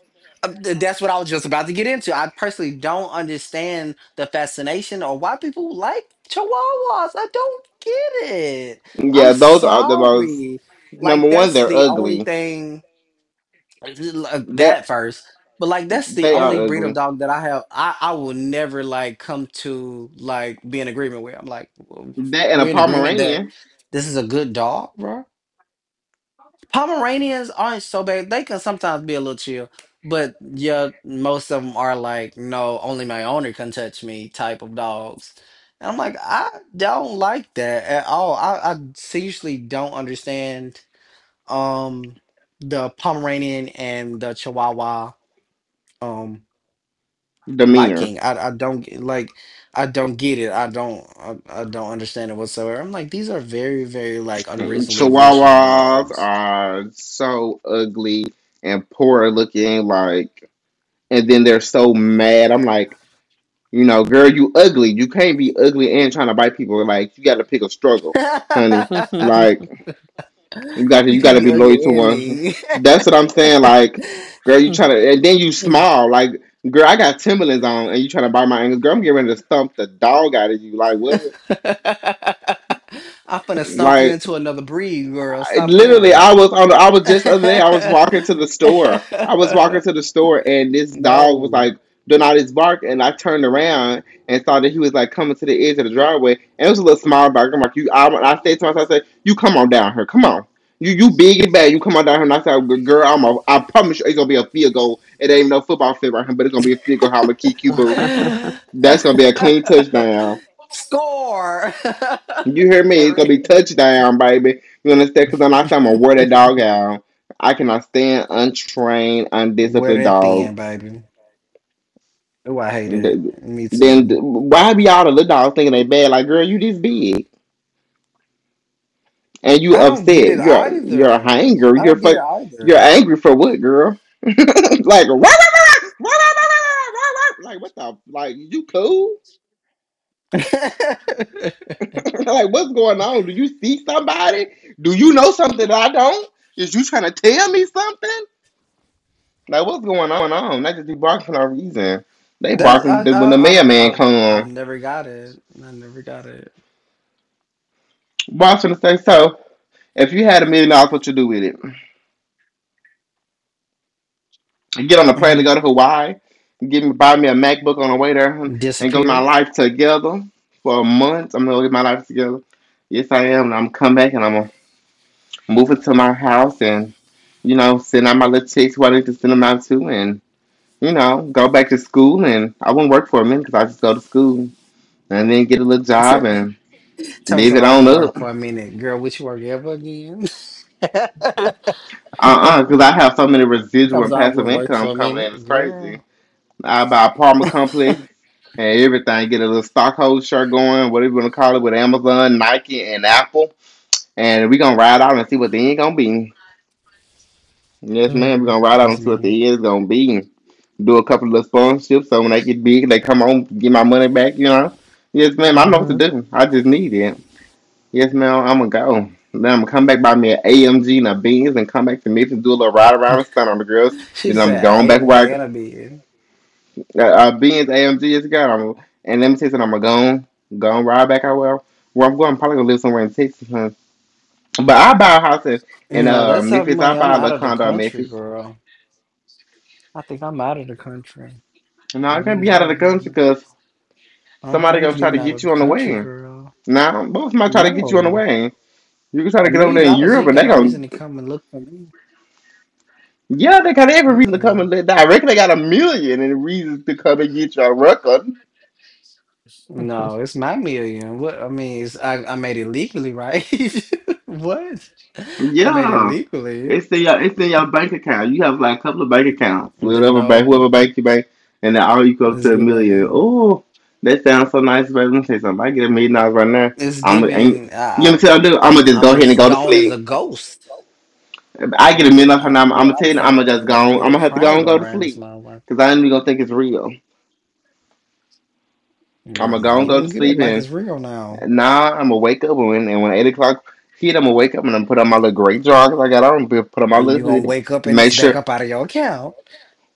S2: that's what I was just about to get into. I personally don't understand the fascination or why people like chihuahuas. I don't get it. I'm
S1: Yeah, those are the most.
S2: sorry. Like,
S1: Number one,
S2: that's
S1: they're
S2: the only
S1: ugly.
S2: thing like
S1: They
S2: that first. But like that's the
S1: they are
S2: only breed of
S1: ugly.
S2: dog that I have I will never like come to like be in agreement with. I'm like
S1: That and a
S2: we're in agreement that
S1: Pomeranian
S2: this is a good dog, bro. Pomeranians aren't so bad. They can sometimes be a little chill, but yeah, most of them are like no, only my owner can touch me type of dogs. And I'm like I don't like that at all. I seriously don't understand um the Pomeranian and the Chihuahua um
S1: demeanor.
S2: liking. I don't get- like I don't get it. I don't understand it whatsoever. I'm like these are very very like unreasonably vicious
S1: Chihuahuas
S2: dogs.
S1: are so ugly and poor looking. Like, and then they're so mad. I'm like, you know, girl, you ugly. You can't be ugly and trying to bite people. Like, you got to pick a struggle,
S2: You
S1: honey. Like, you got
S2: can't
S1: to
S2: be
S1: be loyal to
S2: ugly and
S1: one.
S2: mean.
S1: That's what I'm saying. Like, girl, you trying to, and then you smile. Like, girl, I got Timberlands on, and you trying to bite my ankles. Girl, I'm getting ready to stomp the dog out of you. Like what?
S2: I'm finna stomp you
S1: Like,
S2: into another breed, girl. Stop playing with
S1: literally, I
S2: me.
S1: was on I was just the other day I was walking to the store. I was walking to the store and This dog was like
S2: No.
S1: doing all this bark, and I turned around and saw that he was like coming to the edge of the driveway, and it was a little small dog. I'm like, I stayed to myself. I said, you come on down here, come on, you big and bad, you come on down here. And I said, girl, I promise you it's gonna be a field goal. It ain't no football field right here, but it's gonna be a field goal. How I'm gonna kick you, boo, that's gonna be a clean touchdown.
S2: Score.
S1: You hear me? It's
S2: For
S1: gonna be
S2: real.
S1: touchdown, baby. You understand? Because I'm not saying, I'm going to wear that dog out. I cannot stand untrained,
S2: Wear
S1: undisciplined
S2: that thin,
S1: dogs.
S2: baby. Oh, I hate it. Me
S1: Then
S2: too.
S1: why be all the little dogs thinking they bad? Like, girl, you this big and you
S2: I don't get
S1: upset.
S2: it
S1: You're
S2: either.
S1: hungry.
S2: I
S1: You're
S2: don't get it
S1: fuck. You're
S2: either.
S1: angry for what, girl? Like, rah, like what the? Like, you cool? Like, what's going on? Do you see somebody? Do you know something that I don't? Is you trying to tell me something? Like, what's going on? They just be barking for no reason. They
S2: That's
S1: barking when the mayor man
S2: I've
S1: come.
S2: never got it. I never got it.
S1: Washington say so. If you had $1 million, what you do with it? You get on a plane to
S2: Mhm.
S1: go to Hawaii. Give me buy me a MacBook on the way there, and go get my
S2: Disappear.
S1: life together for a month. I'm gonna get my life together. Yes, I am. And I'm come back and I'm gonna move it to my house, and you know, send out my little checks who I need to send them out to, and you know, go back to school. And I won't work for a minute because I just go to school and then get a little job
S2: Tell
S1: and
S2: me
S1: live
S2: something
S1: it
S2: I
S1: on
S2: wouldn't
S1: up.
S2: work for a minute. Girl, would you work ever again? Tell me
S1: Uh-uh, because I have so many residual and
S2: something I
S1: passive
S2: wouldn't work
S1: income
S2: for a
S1: coming in.
S2: minute.
S1: It's crazy.
S2: Girl.
S1: I buy apartment complex and everything. Get a little stockholder shirt going, whatever you want to call it, with Amazon, Nike, and Apple. And we're going to ride out and see what the end going to be. Yes, ma'am. We're
S3: Mm.
S1: going to ride out
S2: Yes,
S1: and see what
S2: ma'am.
S1: the end is going to be. Do a couple of little sponsorships so when they get big, they come on, get my money back, you know. Yes, ma'am. I know what to
S3: Mhm.
S1: do. I just need it. Yes, ma'am. I'm gonna go. Then I'm gonna come back by me at AMG and a beans and come back to Memphis, do a little ride around and stunt on the girls.
S2: She
S1: Then I'm
S2: said
S1: going back
S2: AMG
S1: where
S2: and a bid.
S1: beans AMG is gone. I'm, and let me tell you something. I'm gonna go ride back out where I'm going. I'm probably gonna live somewhere in Texas. Huh? But I buy a house in
S2: No, that's how
S1: Memphis. I
S2: money. I'm
S1: buy a
S2: out
S1: little
S2: of the
S1: condo in
S2: country,
S1: Memphis.
S2: girl. I think I'm out of the country.
S1: No,
S2: With a
S1: I can't
S2: million
S1: be out of the
S2: dollars.
S1: country because
S2: Uh-huh, I
S1: somebody
S2: was
S1: gonna try to
S2: giving out
S1: get
S2: of the
S1: you on the
S2: country,
S1: way.
S2: girl.
S1: Now, both might try to get you on the
S2: No,
S1: way. You can try
S2: a
S1: to get over
S2: million
S1: there in
S2: dollars, you
S1: Europe
S2: ain't
S1: and
S2: got
S1: they
S2: no
S1: gonna.
S2: reason to come and look for me.
S1: Yeah, they got every reason to come and
S2: Mm-mm.
S1: let die. I reckon they got a million and reasons to come and get your record.
S2: No, it's my million. What I mean is, I made it legally, right? What? I made it
S1: Yeah.
S2: legally.
S1: It's in your bank account. You have like a couple of bank accounts.
S2: The
S1: Whatever bank
S2: no,
S1: whoever bank you bank and then all you come up
S2: it's
S1: to a million.
S2: given.
S1: Oh, that sounds so nice, baby. Let me say something. I get $1 million right now.
S2: It's
S1: I'm ain't,
S2: given.
S1: you know what I'm doing? I'm gonna
S2: I'm
S1: just go
S2: I'm
S1: ahead
S2: as
S1: and go to
S2: gone as
S1: sleep.
S2: a ghost.
S1: If I
S2: You
S1: get a
S2: gonna
S1: million
S2: think
S1: dollars right now, I'm,
S2: I'm
S1: I'm
S2: girl?
S1: gonna tell
S2: I'm
S1: you, I'm
S2: somewhere
S1: gonna
S2: in
S1: just
S2: the
S1: go. On, I'm
S2: Bermuda
S1: gonna have to go and
S2: Triangle
S1: go to
S2: around this
S1: sleep
S2: long. Like,
S1: because I ain't even gonna think it's real. I'm
S2: girl,
S1: gonna
S2: no,
S1: go and
S2: you
S1: go
S2: gonna
S1: to
S2: get up
S1: sleep
S2: like
S1: and.
S2: it's real now.
S1: Nah, I'm gonna wake up when 8 o'clock hit, I'm gonna wake up and I'm going to put on my little gray joggers I got on, put on my
S2: You
S1: little
S2: gonna
S1: hoodie,
S2: wake up and it's
S1: make
S2: back
S1: sure.
S2: up out of your account.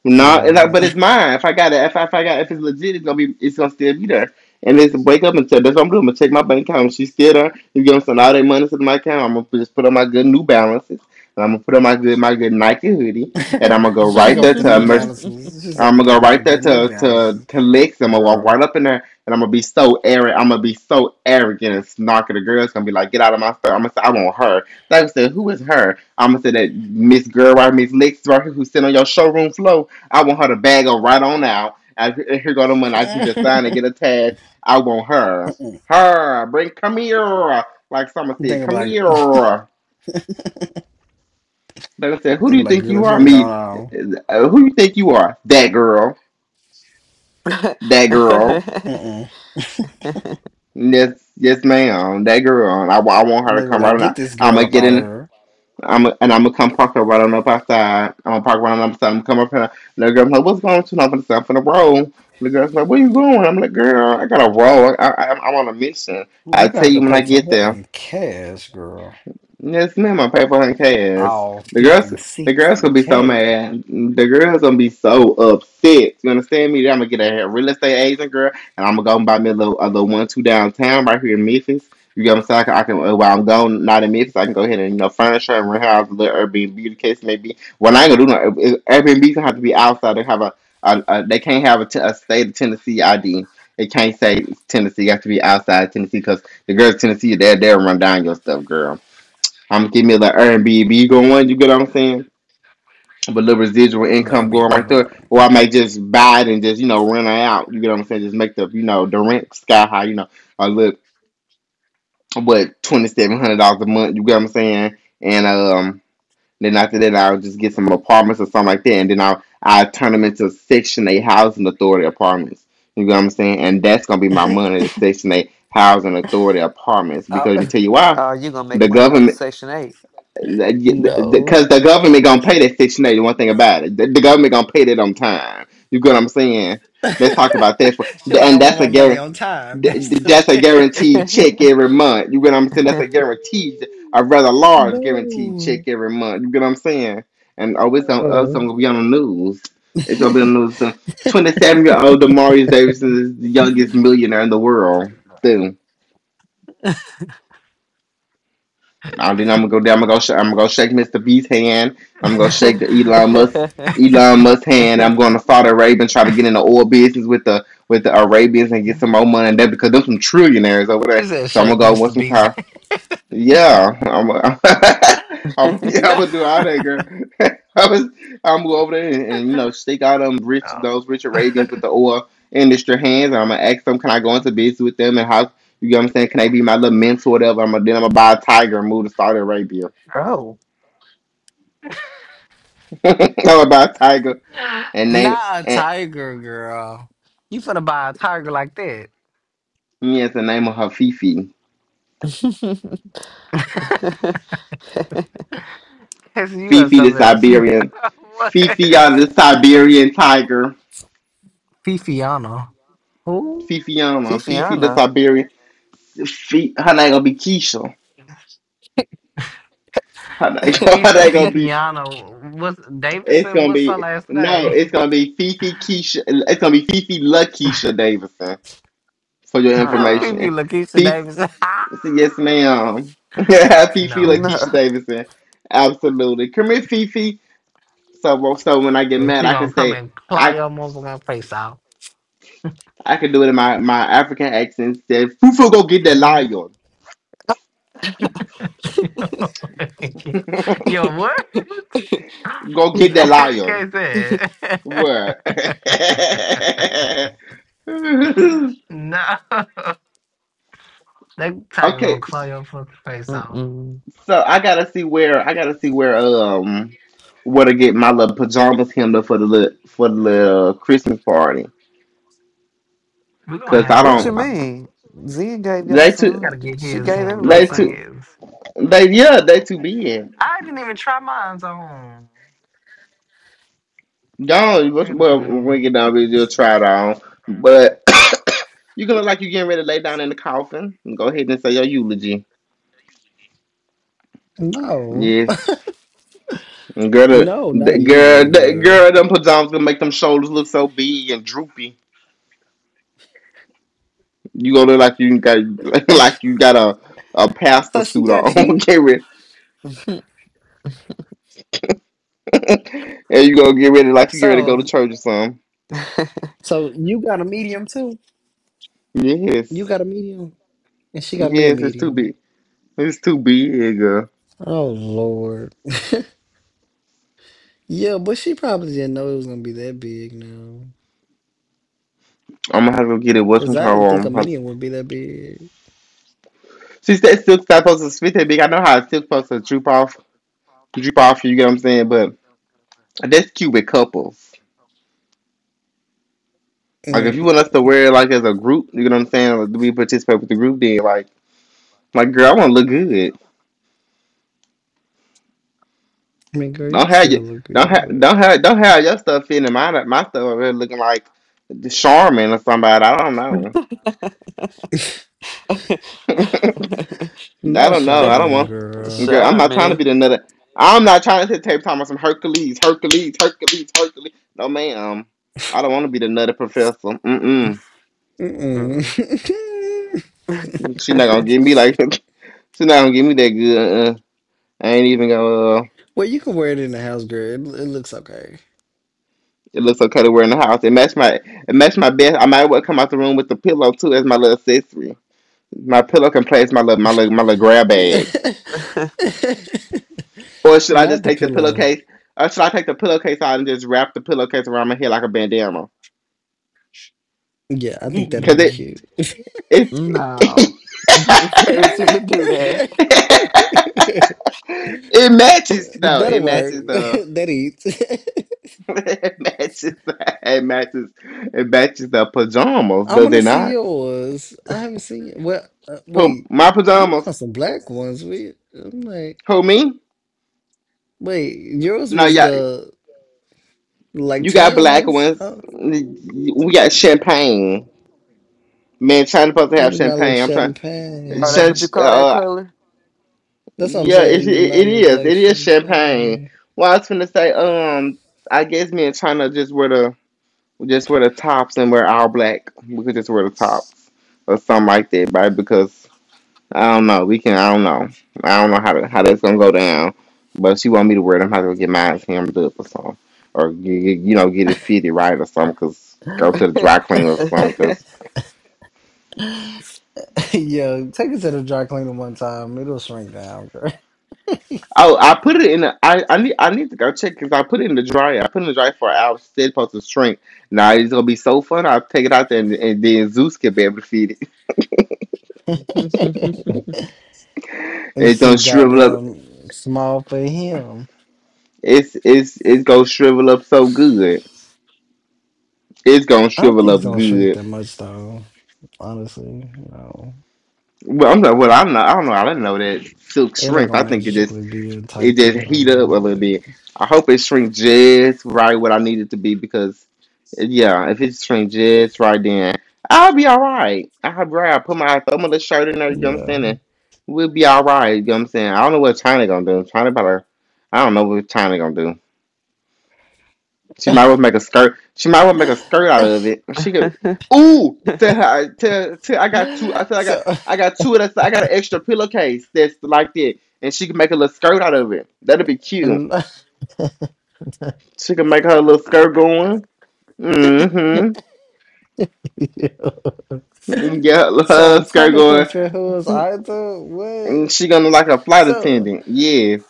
S1: No, it's like, but
S2: Mm.
S1: it's mine. If I got it, if I got, if it's legit, it's gonna still be there. And it's wake up and tell that's what I'm doing. I'm gonna check my bank account. If she's still there. You gonna send all that money to my account. I'm gonna just put on my good New Balances, and I'm gonna put on my good Nike hoodie, and I'm gonna go
S2: She
S1: right
S2: go
S1: there
S2: with the
S1: to
S2: new
S1: Mercedes.
S2: balances. She
S1: I'm
S2: said,
S1: gonna
S2: put
S1: go
S2: them on a
S1: right there
S2: good new
S1: to to
S2: balances,
S1: to Lex. I'm gonna walk
S2: girl.
S1: right up in there, and I'm gonna be so arrogant. I'm gonna be so arrogant and snarky. The girl's gonna be like, "Get out of my store." I'm gonna say, "I want her." They gonna say, "Who is her?" I'm gonna say that Miss Girl, right, Miss Lex, right here, who's sitting on your showroom floor. I want her to bag her right on out. Here go the money. I need to sign and
S2: Mm-mm.
S1: get a tag. I want her. Her. Bring Come here. Like someone said,
S2: They were
S1: come
S2: like,
S1: here. They gonna say, "Who
S2: they
S1: do
S2: were
S1: you
S2: like,
S1: think
S2: girl,
S1: you
S2: if you
S1: are?"
S2: don't go
S1: Me.
S2: on,
S1: Who do you think you are? That girl. That girl.
S2: mm-mm.
S1: Yes, yes, ma'am. That girl. I want her to
S2: They were
S1: come right
S2: like,
S1: on
S2: get
S1: out.
S2: this
S1: I'm
S2: girl
S1: gonna
S2: up
S1: get
S2: out of
S1: in.
S2: her.
S1: I'm gonna come park her right on up outside. I'm gonna park right on up outside. I'm gonna come up here. And the girl's like, "What's going on?" She's like, "I'm finna roll." The girl's like, "Where you going?" I'm like, "Girl, I gotta roll. I'm on a mission. I'll
S2: You gonna
S1: tell
S2: have
S1: you
S2: to
S1: when I
S2: pay for
S1: get
S2: her
S1: there."
S2: in cash, girl.
S1: Yes, ma'am. My paper for her cash.
S2: All
S1: The girls,
S2: fifty,
S1: the girls
S2: sixty
S1: gonna be so
S2: k
S1: mad. The girls gonna be so upset. You understand me? I'm gonna get a real estate agent girl, and I'm gonna go and buy me a little one two downtown right here in Memphis. You get what I'm saying? I can While I'm gone, not in Memphis, I can go ahead and furnish her and rent her out a little Airbnb the case maybe. Well, I ain't gonna do no if- if Airbnb. Gonna have to be outside. They can't have a state of Tennessee ID. It can't say it's Tennessee. You have to be outside Tennessee because the girls Tennessee, they'll run down your stuff, girl. I'm gonna give me the Airbnb going. You get what I'm saying? But little residual
S2: Let
S1: income
S2: me
S1: going
S2: be
S1: right there,
S2: going.
S1: or I might just buy it and just rent it out. You get what I'm saying? Just make the rent sky high. You know, a little what $2,700 a month. You get what I'm saying? And Then after that, I'll just get some apartments or something like that, and then I turn them into Section 8 housing authority apartments. You get what I'm saying? And that's gonna be my money, the Section 8 housing authority apartments. Because let me
S2: Uh,
S1: tell you why,
S3: Oh, you gonna make
S1: the
S3: money off the
S1: government
S3: Section 8.
S2: no.
S1: the government gonna pay that 690. One thing about it, the government gonna pay that on time. You get what I'm saying? Let's talk about
S2: She like, I
S1: and
S2: want
S1: that's a
S2: my money
S1: guarantee.
S2: on time. That's the
S1: That's a guaranteed
S2: thing.
S1: check every month. You get what I'm saying? That's a rather large guaranteed check
S2: Boo.
S1: every month. You get what I'm saying? And oh, it's on us.
S2: Oh.
S1: Gonna be on the news. It's gonna be on the news. 27-year old Demarius Davis is the youngest millionaire in the world. Too. Now then I'm gonna go down. I'm gonna go. I'm gonna go shake Mr. B's hand. I'm gonna shake Elon Musk's hand. I'm going to Saudi Arabia and try to get in the oil business with the Arabians and get some more money there because them some trillionaires over
S2: She
S1: there.
S2: said,
S1: So I'm gonna
S2: "Shake
S1: go
S2: Mr.
S1: with some
S2: Beast."
S1: car. Yeah, I'm. Yeah, I'm
S2: No,
S1: gonna do all that, girl. I was. I'm gonna go over there and stake out them rich those rich Arabians with the oil industry hands. And I'm gonna ask them, can I go into business with them and how you get what I'm saying? Can they be my little mentor, whatever? I'm gonna Then I'm gonna buy a tiger and move to Saudi Arabia.
S3: Oh,
S1: I'm gonna buy a tiger and name
S2: not a
S1: and
S2: tiger, girl. You finna buy a tiger like that?
S1: yes, the name of her Fifi.
S2: Cause you are
S1: Fifi the
S2: something else.
S1: Siberian. Fifi
S2: What?
S1: the Siberian tiger.
S2: Fifiano. Who?
S1: Fifiana. Fifi the
S3: Fifiana.
S1: Siberian. Her name gonna be Keisha. How they, how
S2: Keisha
S1: they gonna be?
S2: Pipiano. What's
S1: It's
S2: Davidson?
S1: gonna
S2: What's her
S1: be
S2: last
S1: no.
S2: name?
S1: It's gonna be Fifi Keisha. It's gonna be Fifi LaKeisha Davidson for your
S3: Uh-uh.
S2: Pipi
S1: information.
S2: Lakeisha
S1: Fifi,
S2: Davidson.
S1: yes ma'am. Fifi
S2: No.
S3: No.
S1: LaKeisha Davidson. Absolutely. Come here, Fifi. So well, so when I get
S2: And
S1: mad,
S2: she
S1: I can
S2: gonna come
S1: say
S2: and claw
S1: I
S2: your motherfucking face out.
S1: I can do it in my African accent. Say Fufu, go get that lion.
S2: Your what?
S1: Go get that lion.
S2: Can't say
S1: What?
S2: it. No. That tiger gonna
S1: Okay.
S2: claw your fucking face off.
S3: Mm-mm.
S1: So I gotta see where to get my little pajamas hemmed up for for the little Christmas party.
S2: We gonna
S1: Cause I
S2: have
S3: What
S1: don't,
S3: you
S2: to.
S3: mean? Zen gave y'all
S1: they
S2: He
S3: some.
S2: gotta
S1: too
S2: get
S3: She
S2: his
S3: gave
S2: hemmed
S3: everybody
S1: they
S2: up, I
S1: too
S3: some.
S2: guess.
S1: they yeah, they too big.
S2: I didn't even try mine on.
S1: Gone.
S2: I gotta
S1: Well,
S2: try it
S1: when we
S2: on.
S1: get down, with you'll try it on. But you gonna look like you getting ready to lay down in the coffin, and go ahead and say your eulogy.
S2: No,
S1: Yeah, and girl,
S2: no, not a usually girl.
S1: girl, them pajamas gonna make them shoulders look so big and droopy. You gonna look like you got like you got a pastor
S2: So she
S1: suit
S2: got
S1: on.
S2: you.
S1: Okay? Ready, and you gonna get ready like you get ready to go to
S2: So,
S1: church or something.
S2: so you got a medium too.
S1: Yes,
S2: You got a medium, and she got me a
S1: yes, it's too
S2: medium.
S1: big. It's too big, girl.
S2: Oh Lord. Yeah, but she probably didn't know it was gonna be that big now.
S1: I'm gonna have to go get it. What's my
S2: Cause I
S1: car?
S2: didn't think
S1: I'm
S2: a
S1: gonna have to-
S2: medium would be that big.
S1: See, that silk's not supposed to fit that big. I know how a silk's supposed to droop off. You get what I'm saying? But that's cute with couples. Like if
S2: Mm.
S1: you want us to wear it like as a group, you get what I'm saying? Like, we participate with the group? Then like girl, I want to look good.
S2: I mean, girl, you
S1: Don't have
S2: still
S1: your
S2: look good, but
S1: stuff fitting in my stuff over here looking like the Charmin or somebody. I don't know. I
S2: not
S1: don't know. I don't
S2: Charmin,
S1: want.
S2: girl.
S1: Girl, I'm not trying to
S3: Sorry.
S1: be another. I'm not trying to sit tape time on some Hercules, Hercules, Hercules, Hercules. No, ma'am. I don't want to be the nutty professor. Mm-mm.
S2: Mm-mm.
S3: Mm-mm.
S1: She's
S3: Mm.
S1: not gonna get me like. She's not gonna get me that good. I ain't even gonna.
S2: Well, you can wear it in the house, girl. It looks okay.
S1: It looks so cutty. We in the house. It matched my best. I might well come out the room with the pillow too as my little accessory. My pillow can place my little grab bag. Or should I
S2: Not
S1: just
S2: the
S1: take the
S2: pillow.
S1: pillowcase? Or should I take the pillowcase out and just wrap the pillowcase around my head like a bandana?
S2: Yeah, I think that'll
S1: Cause
S2: be
S3: Mm-mm.
S2: cute.
S1: it's.
S3: No. Don't encourage him to do that.
S1: It matches though.
S2: That'll
S1: It
S2: work.
S1: matches the.
S2: That eats.
S1: It matches. It matches. It matches the pajamas,
S2: I
S1: does
S2: want to
S1: it
S2: see
S1: not?
S2: yours. I haven't seen. Well,
S1: Who
S2: wait.
S1: my
S2: You
S1: pajamas?
S2: got some black ones. We. I'm like,
S1: Who me?
S2: wait. Yours
S1: No,
S2: was
S1: yeah.
S2: the like
S1: You got
S2: tan
S1: black
S2: ones.
S1: ones.
S2: Oh,
S1: We got champagne. Man, China supposed to
S2: that
S1: have
S2: did not look
S1: champagne. I'm trying.
S3: Oh, that's what
S2: champagne.
S3: you
S1: Since,
S3: call that color?
S2: That's what I'm
S1: yeah,
S2: saying. It did not
S1: it
S2: look
S1: is.
S2: like
S1: It is
S2: champagne
S1: champagne. Well, I was gonna say, I guess me and China just wear the tops and wear all black. We could just wear the tops or something like that, right? Because I don't know. We can. I don't know. I don't know how that's gonna go down. But she want me to wear them. I have to get mine hemmed up or something, or you know get it fitted right or something. Cause go
S2: to
S1: to the dry cleaner or something. Cause
S2: me. Yo, take it to the dry cleaner one time. It'll shrink down, girl.
S1: oh, I put it in. I need to go check because I put it in the dryer. I put it in the dryer for an hour. She said supposed to shrink. Now it's gonna be so fun. I'll take it out there and then Zeus can be able to feed it.
S2: It's
S1: It's gonna
S2: too
S1: shrivel up.
S2: goddamn small for him.
S1: It's gonna shrivel up so good. It's gonna
S2: I don't
S1: shrivel
S2: think it's
S1: up
S2: gonna shrink
S1: good.
S2: that much though. Honestly, no.
S1: Well, I'm not. Well, I'm not. I don't know. I didn't know that silk
S2: It ain't
S1: shrinks.
S2: gonna
S1: I think it just
S2: magically be a
S1: It
S2: tight
S1: just
S2: field
S1: heat up a
S2: on
S1: little bit. I hope it shrink just right what I need it to be because, yeah, if it shrink just right, then I'll be all right. I'll be all right. I put my thumb of the shirt in there. You know what I'm saying?
S2: you,
S1: And we'll be all right. You know what I'm saying? I don't know what China gonna do. China better. I don't know what China gonna do. She might well make a skirt. She might well
S2: but
S1: make
S2: yeah.
S1: a skirt out of it. She could. Ooh, tell her. Tell I got two. I said I got.
S2: So,
S1: I got two of that. I got an extra pillowcase that's like that, and she can make a little skirt out of it. That'd be cute.
S2: and,
S1: She can make her little skirt going. Mm-hmm.
S2: yeah.
S1: Yeah,
S2: So
S1: her
S2: trying
S1: skirt
S2: to
S1: going.
S2: compare who is either what?
S1: And she gonna like a flight
S2: So.
S1: attendant. Yes.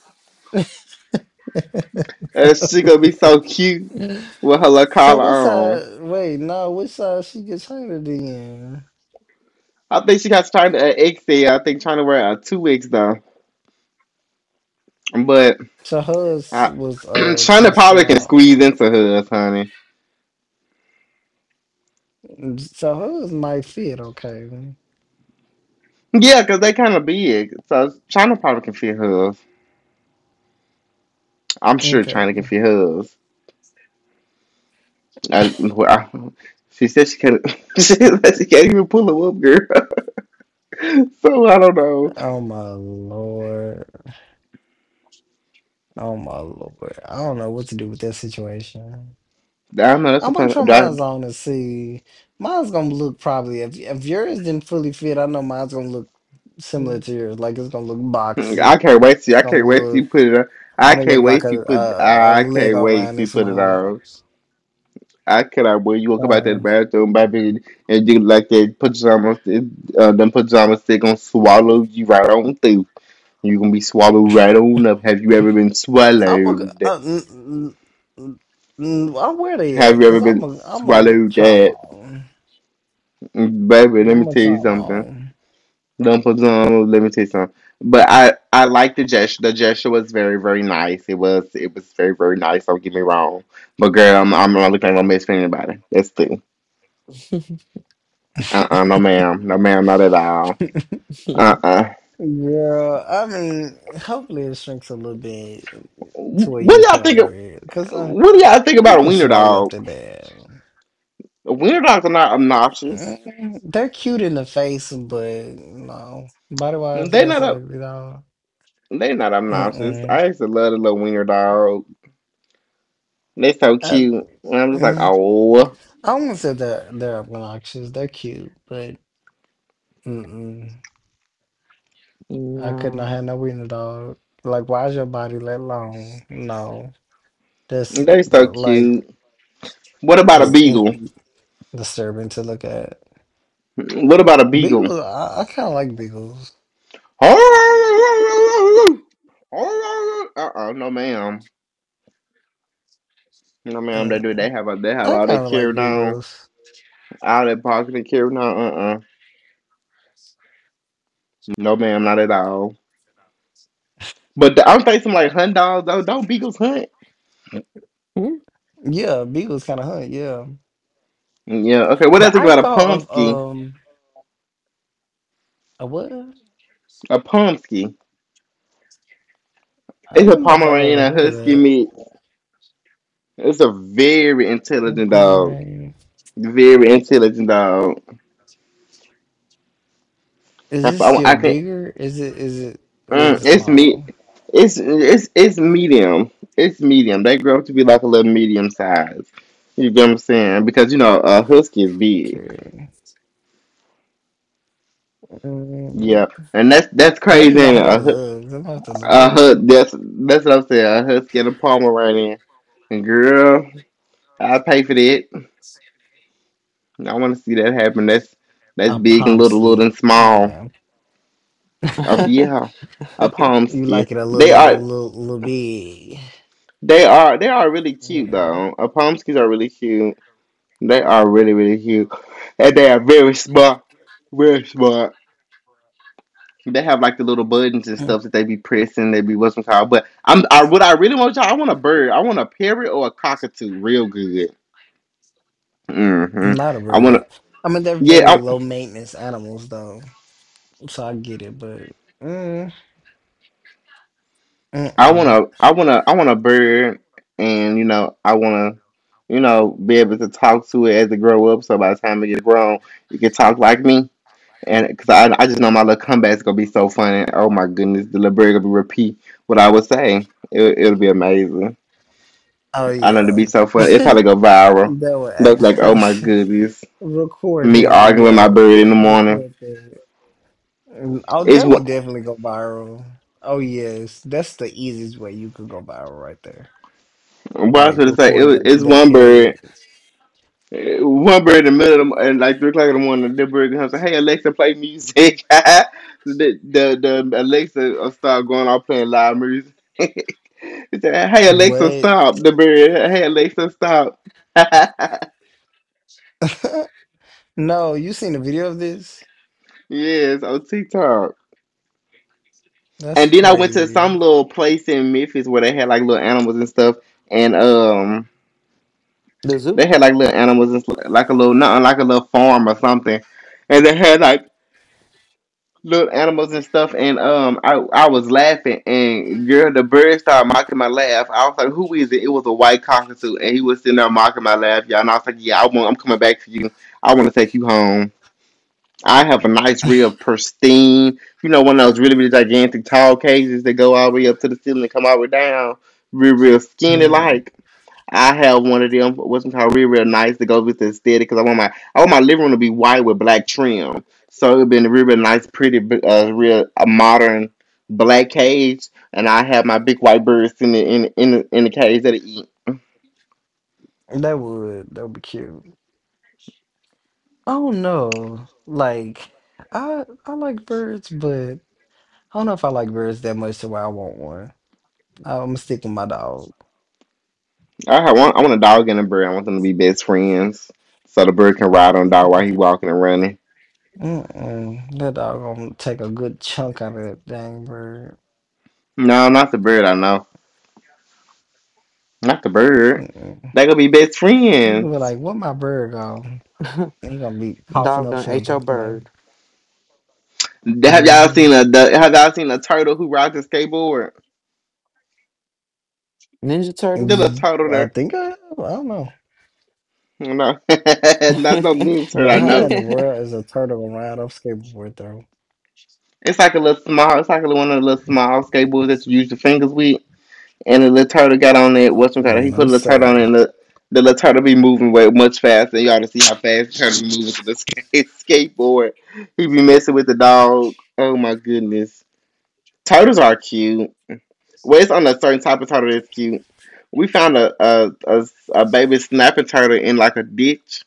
S1: And she gonna be so cute with her little
S2: So
S1: collar
S2: what's
S1: on.
S2: wait, no, which she gets hired in?
S1: I think she got trying at XL. I think trying to wear a 2X though. But
S2: So hers
S1: I
S2: was
S1: China
S2: too
S1: probably can
S2: small.
S1: squeeze into hers, honey.
S2: So hers might fit, okay.
S1: Yeah, cause they kind of big. So China probably can fit hers. I'm sure
S2: Okay.
S1: China can fit hers. I, well, she said she can't. She said she can't even pull them up, girl. So I don't know.
S2: Oh my lord. Oh my lord. I don't know what to do with that situation.
S1: I don't know. That's
S2: I'm
S1: what
S2: gonna try
S1: I'm trying
S2: mine's on and see. Mine's gonna look probably if yours didn't fully fit, I know mine's gonna look similar
S1: to.
S2: to yours. Like, it's gonna look
S1: I
S2: boxy.
S1: can't wait to.
S2: It's
S1: I
S2: gonna
S1: can't wait to you
S2: look
S1: put it on.
S2: I'm gonna look like a a, a
S1: I can't
S2: Lego
S1: wait
S2: around
S1: to
S2: this
S1: put it
S2: mug.
S1: on. I cannot wait. You gonna come out that
S2: Uh,
S1: bathroom, baby, and do like that pajama, them pajamas. They gonna swallow you right on through. You gonna be swallowed right on up. Have you ever been
S2: I'm gonna
S1: swallowed?
S2: mm, where they
S1: Have
S2: at?
S1: you ever
S2: Cause
S1: been
S2: I'm a
S1: swallowed?
S2: try 'em
S1: That
S2: on.
S1: baby, let me
S2: I'm gonna
S1: tell
S2: try
S1: you
S2: 'em
S1: something.
S2: on.
S1: Don't put on. Let me tell you something. But I like the gesture. The gesture was very very nice. It was very very nice. Don't get me wrong. But girl, I'm not looking at no best friend anybody. That's two. Uh, no ma'am, no ma'am, not at all. Uh.
S2: Girl, I mean, hopefully it shrinks a little bit to where
S1: What
S2: you
S1: do y'all think?
S2: can
S1: Of,
S2: wear it. Cause
S1: what do y'all think
S2: it
S1: about a
S2: didn't
S1: wiener
S2: swallow you up
S1: dog?
S2: that bad.
S1: Wiener dogs are not obnoxious.
S2: Mm, they're cute in the face, but no, body wise,
S1: They
S2: that's
S1: not up.
S2: ugly dog.
S1: They not obnoxious.
S2: Mm-mm.
S1: I used to love the little wiener dog. They so
S2: Uh,
S1: cute. And I'm just like,
S2: mm,
S1: oh,
S2: I won't say they're obnoxious. They're cute, but mm-mm. I could
S3: No.
S2: not have no wiener dog. Like, why is your body that long? No, that's
S1: they so
S2: the like
S1: cute. What about a
S2: that's
S3: Yeah.
S1: beagle?
S2: in, disturbing to look at.
S1: What about a beagle?
S2: Beagles, I kind of like beagles.
S1: Uh-uh, no ma'am. No ma'am, they do.
S2: Mm,
S1: They have they have
S2: I
S1: all that
S2: kind of
S1: carry
S2: like
S1: down,
S2: beagles.
S1: all that pocket carry down. Uh-uh. No ma'am, not at all. But the, I'm facing like hunt dogs though. Don't beagles hunt?
S3: Hmm?
S2: Yeah, beagles kind of hunt. Yeah,
S1: Yeah, okay. What do I
S2: but
S1: think
S2: I
S1: about a
S2: thought of
S1: pomsky?
S2: a what? I
S1: A pomsky. It's a
S2: don't know if I've
S1: Pomeranian
S2: ever
S1: and
S2: heard of
S1: husky
S2: that.
S1: mix. It's a very
S2: A
S1: intelligent dog.
S2: Pomeranian.
S1: Very intelligent dog.
S2: Is this
S1: I,
S2: still
S1: I can
S2: bigger? Is it or is
S1: Mm,
S2: it
S1: it's
S2: small?
S1: me. It's medium. It's medium. They grow up to be like a little medium size. You get what I'm saying? Because you know a husky is big.
S2: Okay. Mm,
S1: Yeah, and that's
S2: I don't
S1: crazy.
S2: even know
S1: And
S2: how that looks. I'm gonna have to look that up.
S1: that's what I'm saying. A husky and a Pomeranian. And girl, I pay for that. I want to see that happen. That's
S2: A
S1: big and little
S2: Pomsky.
S1: and
S2: No,
S1: small.
S2: ma'am.
S1: Oh yeah, a
S2: You
S1: pomsky.
S2: like it a little
S1: They
S2: little
S1: are
S2: little little big.
S1: they are they are really cute
S2: Mm.
S1: though. A pomskys are really cute. They are really, really cute. And they are very smart. Very smart. They have like the little buttons and
S2: Mm,
S1: stuff that they be pressing. They be what's it called. But I what I really want y'all. I want a bird. I want a parrot or a cockatoo, real good. hmm
S2: not a
S1: I want
S2: bird.
S1: to.
S2: I mean, they're
S1: Yeah,
S2: very
S1: I
S2: low maintenance animals though. So I get it, but mm,
S1: I want
S2: mm-mm.
S1: to. I want to. I want a bird, and you know, I want to, you know, be able to talk to it as it grow up. So by the time it gets grown, it can talk like me. And because I just know my little comeback's gonna be so funny. Oh my goodness, the little bird gonna be repeat what I would say. It'll be amazing.
S2: Oh,
S1: I know it'll
S2: yeah.
S1: be so funny. It'll probably
S2: That
S1: go viral.
S2: would
S1: Look like, oh my
S2: actually
S1: goodness,
S2: record
S1: me
S2: him,
S1: arguing with my
S2: yeah.
S1: bird in the morning.
S2: Record that. Mm, oh,
S1: It's
S2: that
S1: one.
S2: would definitely go viral. Oh, yes, that's the easiest way you could go viral right there.
S1: What I was
S2: Like,
S1: gonna say,
S2: recording
S1: it
S2: that,
S1: it's
S2: that
S1: one bird,
S2: period.
S1: eh, one bird in the middle of the, at like 3 o'clock in the morning. The bird comes, and say, hey Alexa, play music. The Alexa will start going off playing live music. He said, hey Alexa,
S2: What?
S1: stop. The bird. Hey Alexa, stop.
S2: No, you seen a video of this?
S1: Yes, on TikTok.
S2: That's
S1: And then I went to some
S2: crazy.
S1: little place in Memphis where they had like little animals and stuff, and
S3: The zoo?
S1: they had like little animals and like a little nothing like a little farm or something, and they had like little animals and stuff, and I was laughing, and girl, the bird started mocking my laugh. I was like, "Who is it?" It was a white cockatoo, and he was sitting there mocking my laugh, y'all. And I was like, "Yeah, I want. I'm coming back to you. I want to take you home." I have a nice, real pristine, you know, one of those really, really gigantic tall cages that go all the way up to the ceiling and come all the way down, real, real skinny
S2: Mm,
S1: like. I have one of them, what's it called, real, real nice that goes with the aesthetic because I want my living room to be white with black trim, so it would be a real, real nice, pretty, real a modern black cage, and I have my big white birds in the cage that it eat.
S2: that would be cute. I don't know. Like, I like birds, but I don't know if I like birds that much to where I want one. I'm gonna stick with my dog.
S1: I have one, I want a dog and a bird. I want them to be best friends, so the bird can ride on the dog while he's walking and running.
S2: Mm-mm. That dog gonna take a good chunk out of that dang bird.
S1: No, not the bird. I know, not the bird.
S2: Mm-mm.
S1: They gonna be best
S2: You gonna be
S1: friends.
S2: like, "What my bird go?" And you gonna be coughing
S3: Dog
S2: up
S3: done ate your
S2: feathers, baby.
S3: bird.
S1: Have y'all
S2: Mm-hmm.
S1: seen a the, Have y'all seen a turtle who rides a skateboard?
S3: Ninja
S1: The
S3: Turtles?
S1: little turtle
S2: I
S1: there.
S2: think I, have, I don't know.
S1: No, not no
S3: Huh?
S1: mini turtle.
S2: But
S1: I
S2: how in
S1: know.
S2: the world is a turtle gonna ride up skateboard though?
S1: It's like a little small. It's like a little one of the little small skateboards that you use your fingers with. And the little turtle got on it. What's it called? He
S2: No,
S1: put a little turtle on it.
S2: sir,
S1: And the little turtle be moving way much faster. You ought to see how fast the turtle be moving to the skate, skateboard. He be messing with the dog. Oh my goodness. Turtles are cute. Well, it's on a certain type of turtle that's cute. We found a baby snapping turtle in like a ditch.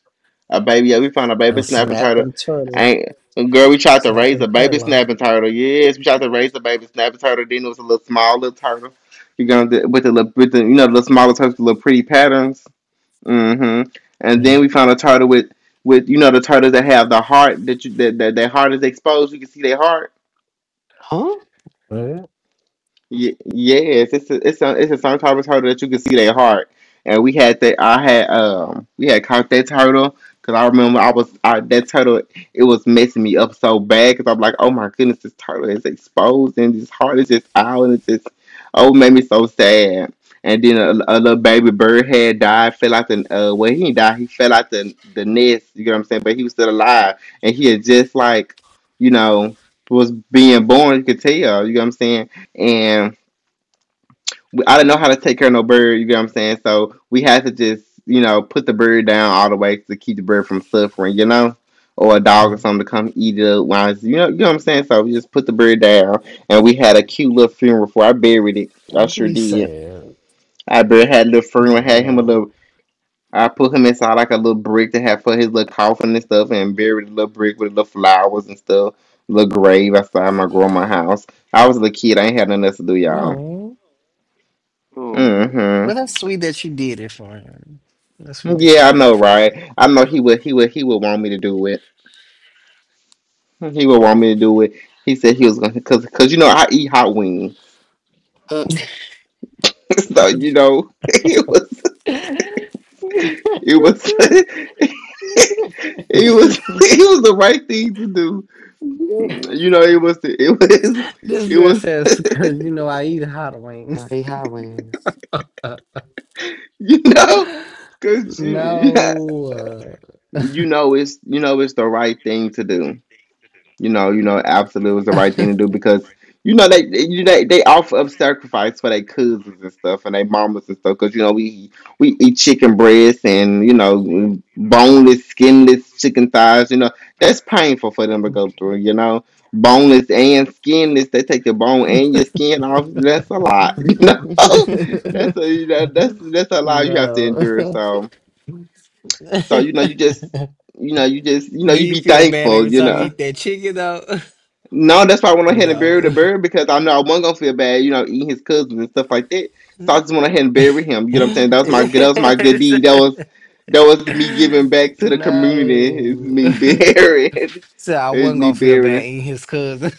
S1: A baby, yeah, we found a baby
S2: a
S1: snapping turtle.
S2: snapping turtle,
S1: And girl, we tried to raise
S2: snapping
S1: a baby
S2: turtle.
S1: snapping turtle. Yes, we tried to raise a baby snapping turtle. Then it was a little small little turtle. You gonna do, with the, the little smaller turtles, with the little pretty patterns. Mm-hmm. And then
S2: Mm,
S1: we found a turtle with the turtles that have the heart that you that that their heart is exposed. You can see their heart.
S2: what?
S1: Yes, it's a it's a, it's a song Tarvis turtle that you can see their heart, and we had that. I had we had caught that turtle because I remember that turtle. It was messing me up so bad because I'm like, oh my goodness, this turtle is exposed and his heart is just out and it's just oh, it made me so sad. And then a little baby bird had died, fell out the well, he didn't die, he fell out the nest. You get what I'm saying? But he was still alive, and he had just like you know was being born. You could tell. You know what I'm saying? And I didn't know how to take care of no bird. You get what I'm saying? So we had to just, put the bird down all the way to keep the bird from suffering, or a dog or
S2: Mm,
S1: something to come eat it up. You know what I'm saying? So we just put the bird down, and we had a cute little funeral for. I buried it. I
S2: don't
S1: sure
S2: be
S1: did.
S2: sad.
S1: I buried had a little funeral, had him a
S2: Mm-mm.
S1: little. I put him inside like a little brick to have for his little coffin and stuff, and buried the little brick with little flowers and stuff. Little grave outside my grandma's house. I was a little kid. I ain't had nothing else to do, y'all.
S2: No,
S1: Mm
S2: well,
S1: hmm.
S2: that's sweet that you did it for him. That's sweet that you
S1: Yeah, I
S2: did
S1: know,
S2: it for
S1: right? I know he would want me to do it. He would want me to do it. He said he was gonna, cause you know I eat hot wings,
S3: Uh,
S1: so you know it was, it was, it was the right thing to do.
S2: him.
S1: You know, it was, it was,
S2: This
S1: it
S2: girl
S1: was,
S2: says, because you know I eat hot wings.
S3: he highways.
S1: you know, cause you, yeah,
S2: No.
S1: you know it's the right thing to do. Absolutely was the right thing to do because you know they you know, they offer up sacrifice for their cousins and stuff and their mamas and stuff because you know we eat chicken breasts and you know boneless, skinless chicken thighs. You know that's painful for them to go through. You know, boneless and skinless. They take your bone and your skin off. That's a lot. You know,
S3: Amen.
S1: that's a you know that's a lot you have to
S2: No.
S1: endure. So you know you just you know you just you know
S2: Do
S1: you
S2: you
S1: be
S2: feel bad
S1: thankful.
S2: every time you eat that chicken though?
S1: No, that's why I went ahead and buried the
S2: No.
S1: bird because I know I wasn't gonna feel bad, you know, eating his cousins and stuff like that. So I just went ahead and buried him. You know what I'm saying? That was my good
S2: Yes.
S1: deed. That was me giving back to the community. It's
S2: No.
S1: me burying.
S2: So I
S1: It's
S2: wasn't
S1: me
S2: gonna feel bad
S1: burying.
S2: eating his cousin.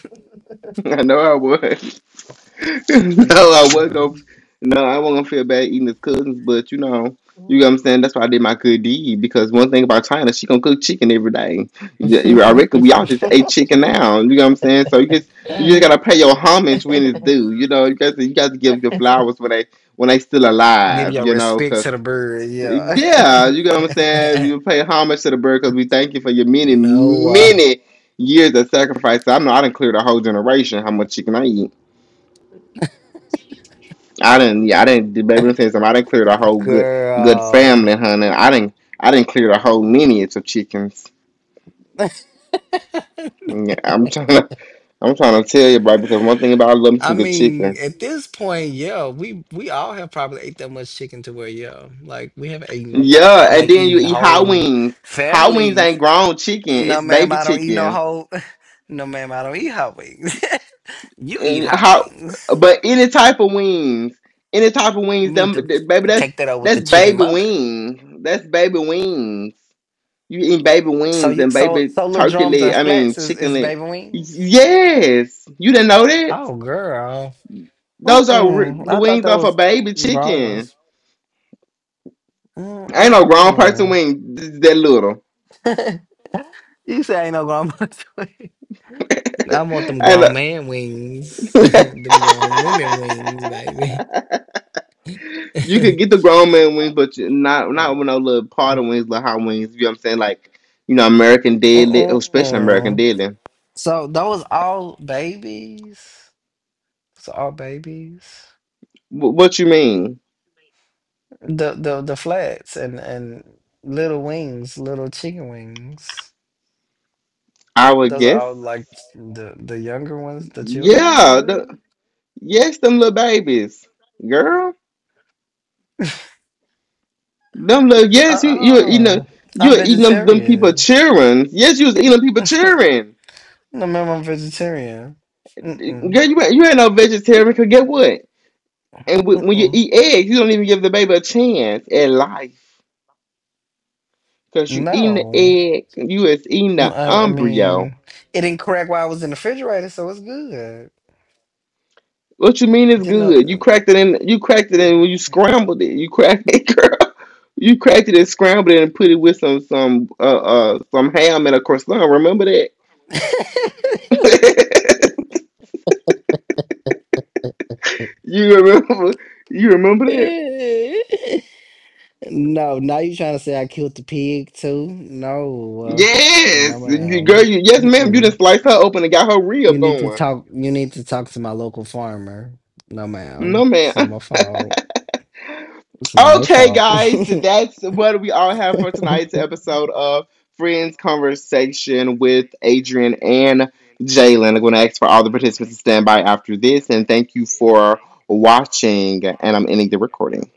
S1: I know I was. No, I was
S2: No.
S1: gonna. No, I wasn't gonna feel bad eating his cousins, but you know what I'm saying. That's why I did my good deed because one thing about China, she gonna cook chicken every day. Yeah, I reckon we all just ate chicken now. You know what I'm saying. So you just gotta pay your homage when it's due. You know, you got to give your flowers when they still
S2: Give
S1: alive.
S2: your
S1: You know,
S2: respect
S1: cause
S2: to the bird, yeah.
S1: yeah, you know what I'm saying. You pay homage to the bird because we thank you for your many
S2: Noah.
S1: many years of sacrifice. I know I done cleared a whole generation how much chicken I eat. I didn't. Yeah, I didn't. Baby, let me tell you something. I didn't clear the whole good good
S2: Girl.
S1: family, honey. I didn't. I didn't clear the whole lineage of chickens. Yeah, I'm trying to. I'm trying to tell you, bro. Because one thing about I love me
S2: I
S1: some good
S2: mean,
S1: chicken.
S2: at this point, yeah, we all have probably ate that much chicken to where, yeah, like we have eaten
S1: Yeah, and
S2: like
S1: then you
S2: eating
S1: eat hot
S2: whole
S1: wings. Hot wings ain't
S2: families.
S1: grown chicken.
S2: No,
S1: It's
S2: ma'am,
S1: baby
S2: I don't eat no
S1: chicken.
S2: whole. No, ma'am, I don't eat hot wings. You eat
S1: And
S2: hot
S1: how?
S2: wings.
S1: But any type of wings, any type of
S2: You
S1: wings,
S2: need
S1: them
S2: to
S1: baby. That's
S2: take that out with the
S1: that's
S2: chicken
S1: baby
S2: mother.
S1: wing. That's baby wings. You eating baby
S2: So
S1: wings
S2: you
S1: and
S2: so
S1: baby
S2: so little
S1: turkey
S2: drums
S1: leg.
S2: and
S1: I mean,
S2: flats is,
S1: chicken
S2: is
S1: leg.
S2: baby wings.
S1: Yes, you didn't know that.
S2: Oh, girl.
S1: Those are re-
S2: Mm-mm.
S1: the
S2: I thought
S1: wings
S2: that
S1: are for
S2: was
S1: baby
S2: grown
S1: chicken.
S2: ones.
S1: Ain't no grown person
S2: Mm-mm.
S1: wing that little.
S2: You say ain't no grown ones. I want them
S1: And
S2: grown man wings. Them grown women wings, baby.
S1: you could get the grown man wings, but not with
S2: Mm.
S1: no little part of wings, little hot wings. You know what I'm saying? Like you know, American Deadly. Oh, especially American
S2: Mm-mm.
S1: Deadly.
S2: So those all babies. Those all babies.
S1: What you mean?
S2: The the flats and little wings, little chicken wings.
S1: I would
S2: Those are
S1: guess.
S2: all like the younger ones, the children.
S1: Yeah.
S2: What?
S1: Yes, them little babies, girl. Them little Yes, you were eating
S2: Uh-uh.
S1: them, you
S2: I'm
S1: were eating them, them people
S2: vegetarian.
S1: cheering. Yes, you was eating them people cheering.
S2: No, ma'am, I'm vegetarian. Mm-mm.
S1: Girl, you ain't no vegetarian. Cause get what? And when you
S2: Mm-mm.
S1: eat eggs, you don't even give the baby a chance at life. Cause you eating the
S2: No.
S1: egg, you is eating
S2: Mm,
S1: the
S2: I
S1: embryo.
S2: mean, it didn't crack while I was in the refrigerator, so it's good.
S1: What you mean is
S2: Didn't know.
S1: good? You cracked it in when you scrambled it. You cracked it, girl. You cracked it and scrambled it and put it with some ham and a croissant. Remember that? You remember? You remember that?
S2: No, now you trying to say I killed the pig too? No, no,
S1: Yes, girl.
S2: ma'am.
S1: You, yes, ma'am. You
S2: Mm-mm.
S1: just sliced her open and got her
S2: You
S1: rib
S2: need to
S1: going.
S2: talk. You need to talk to my local farmer. No,
S1: No,
S2: ma'am. It's not my
S1: ma'am.
S2: fault. It's not my
S1: Okay,
S2: fault.
S1: guys, that's what we all have for tonight's episode of Friends Conversation with Adrian and Jalen. I'm going to ask for all the participants to stand by after this, and thank you for watching. And I'm ending the recording.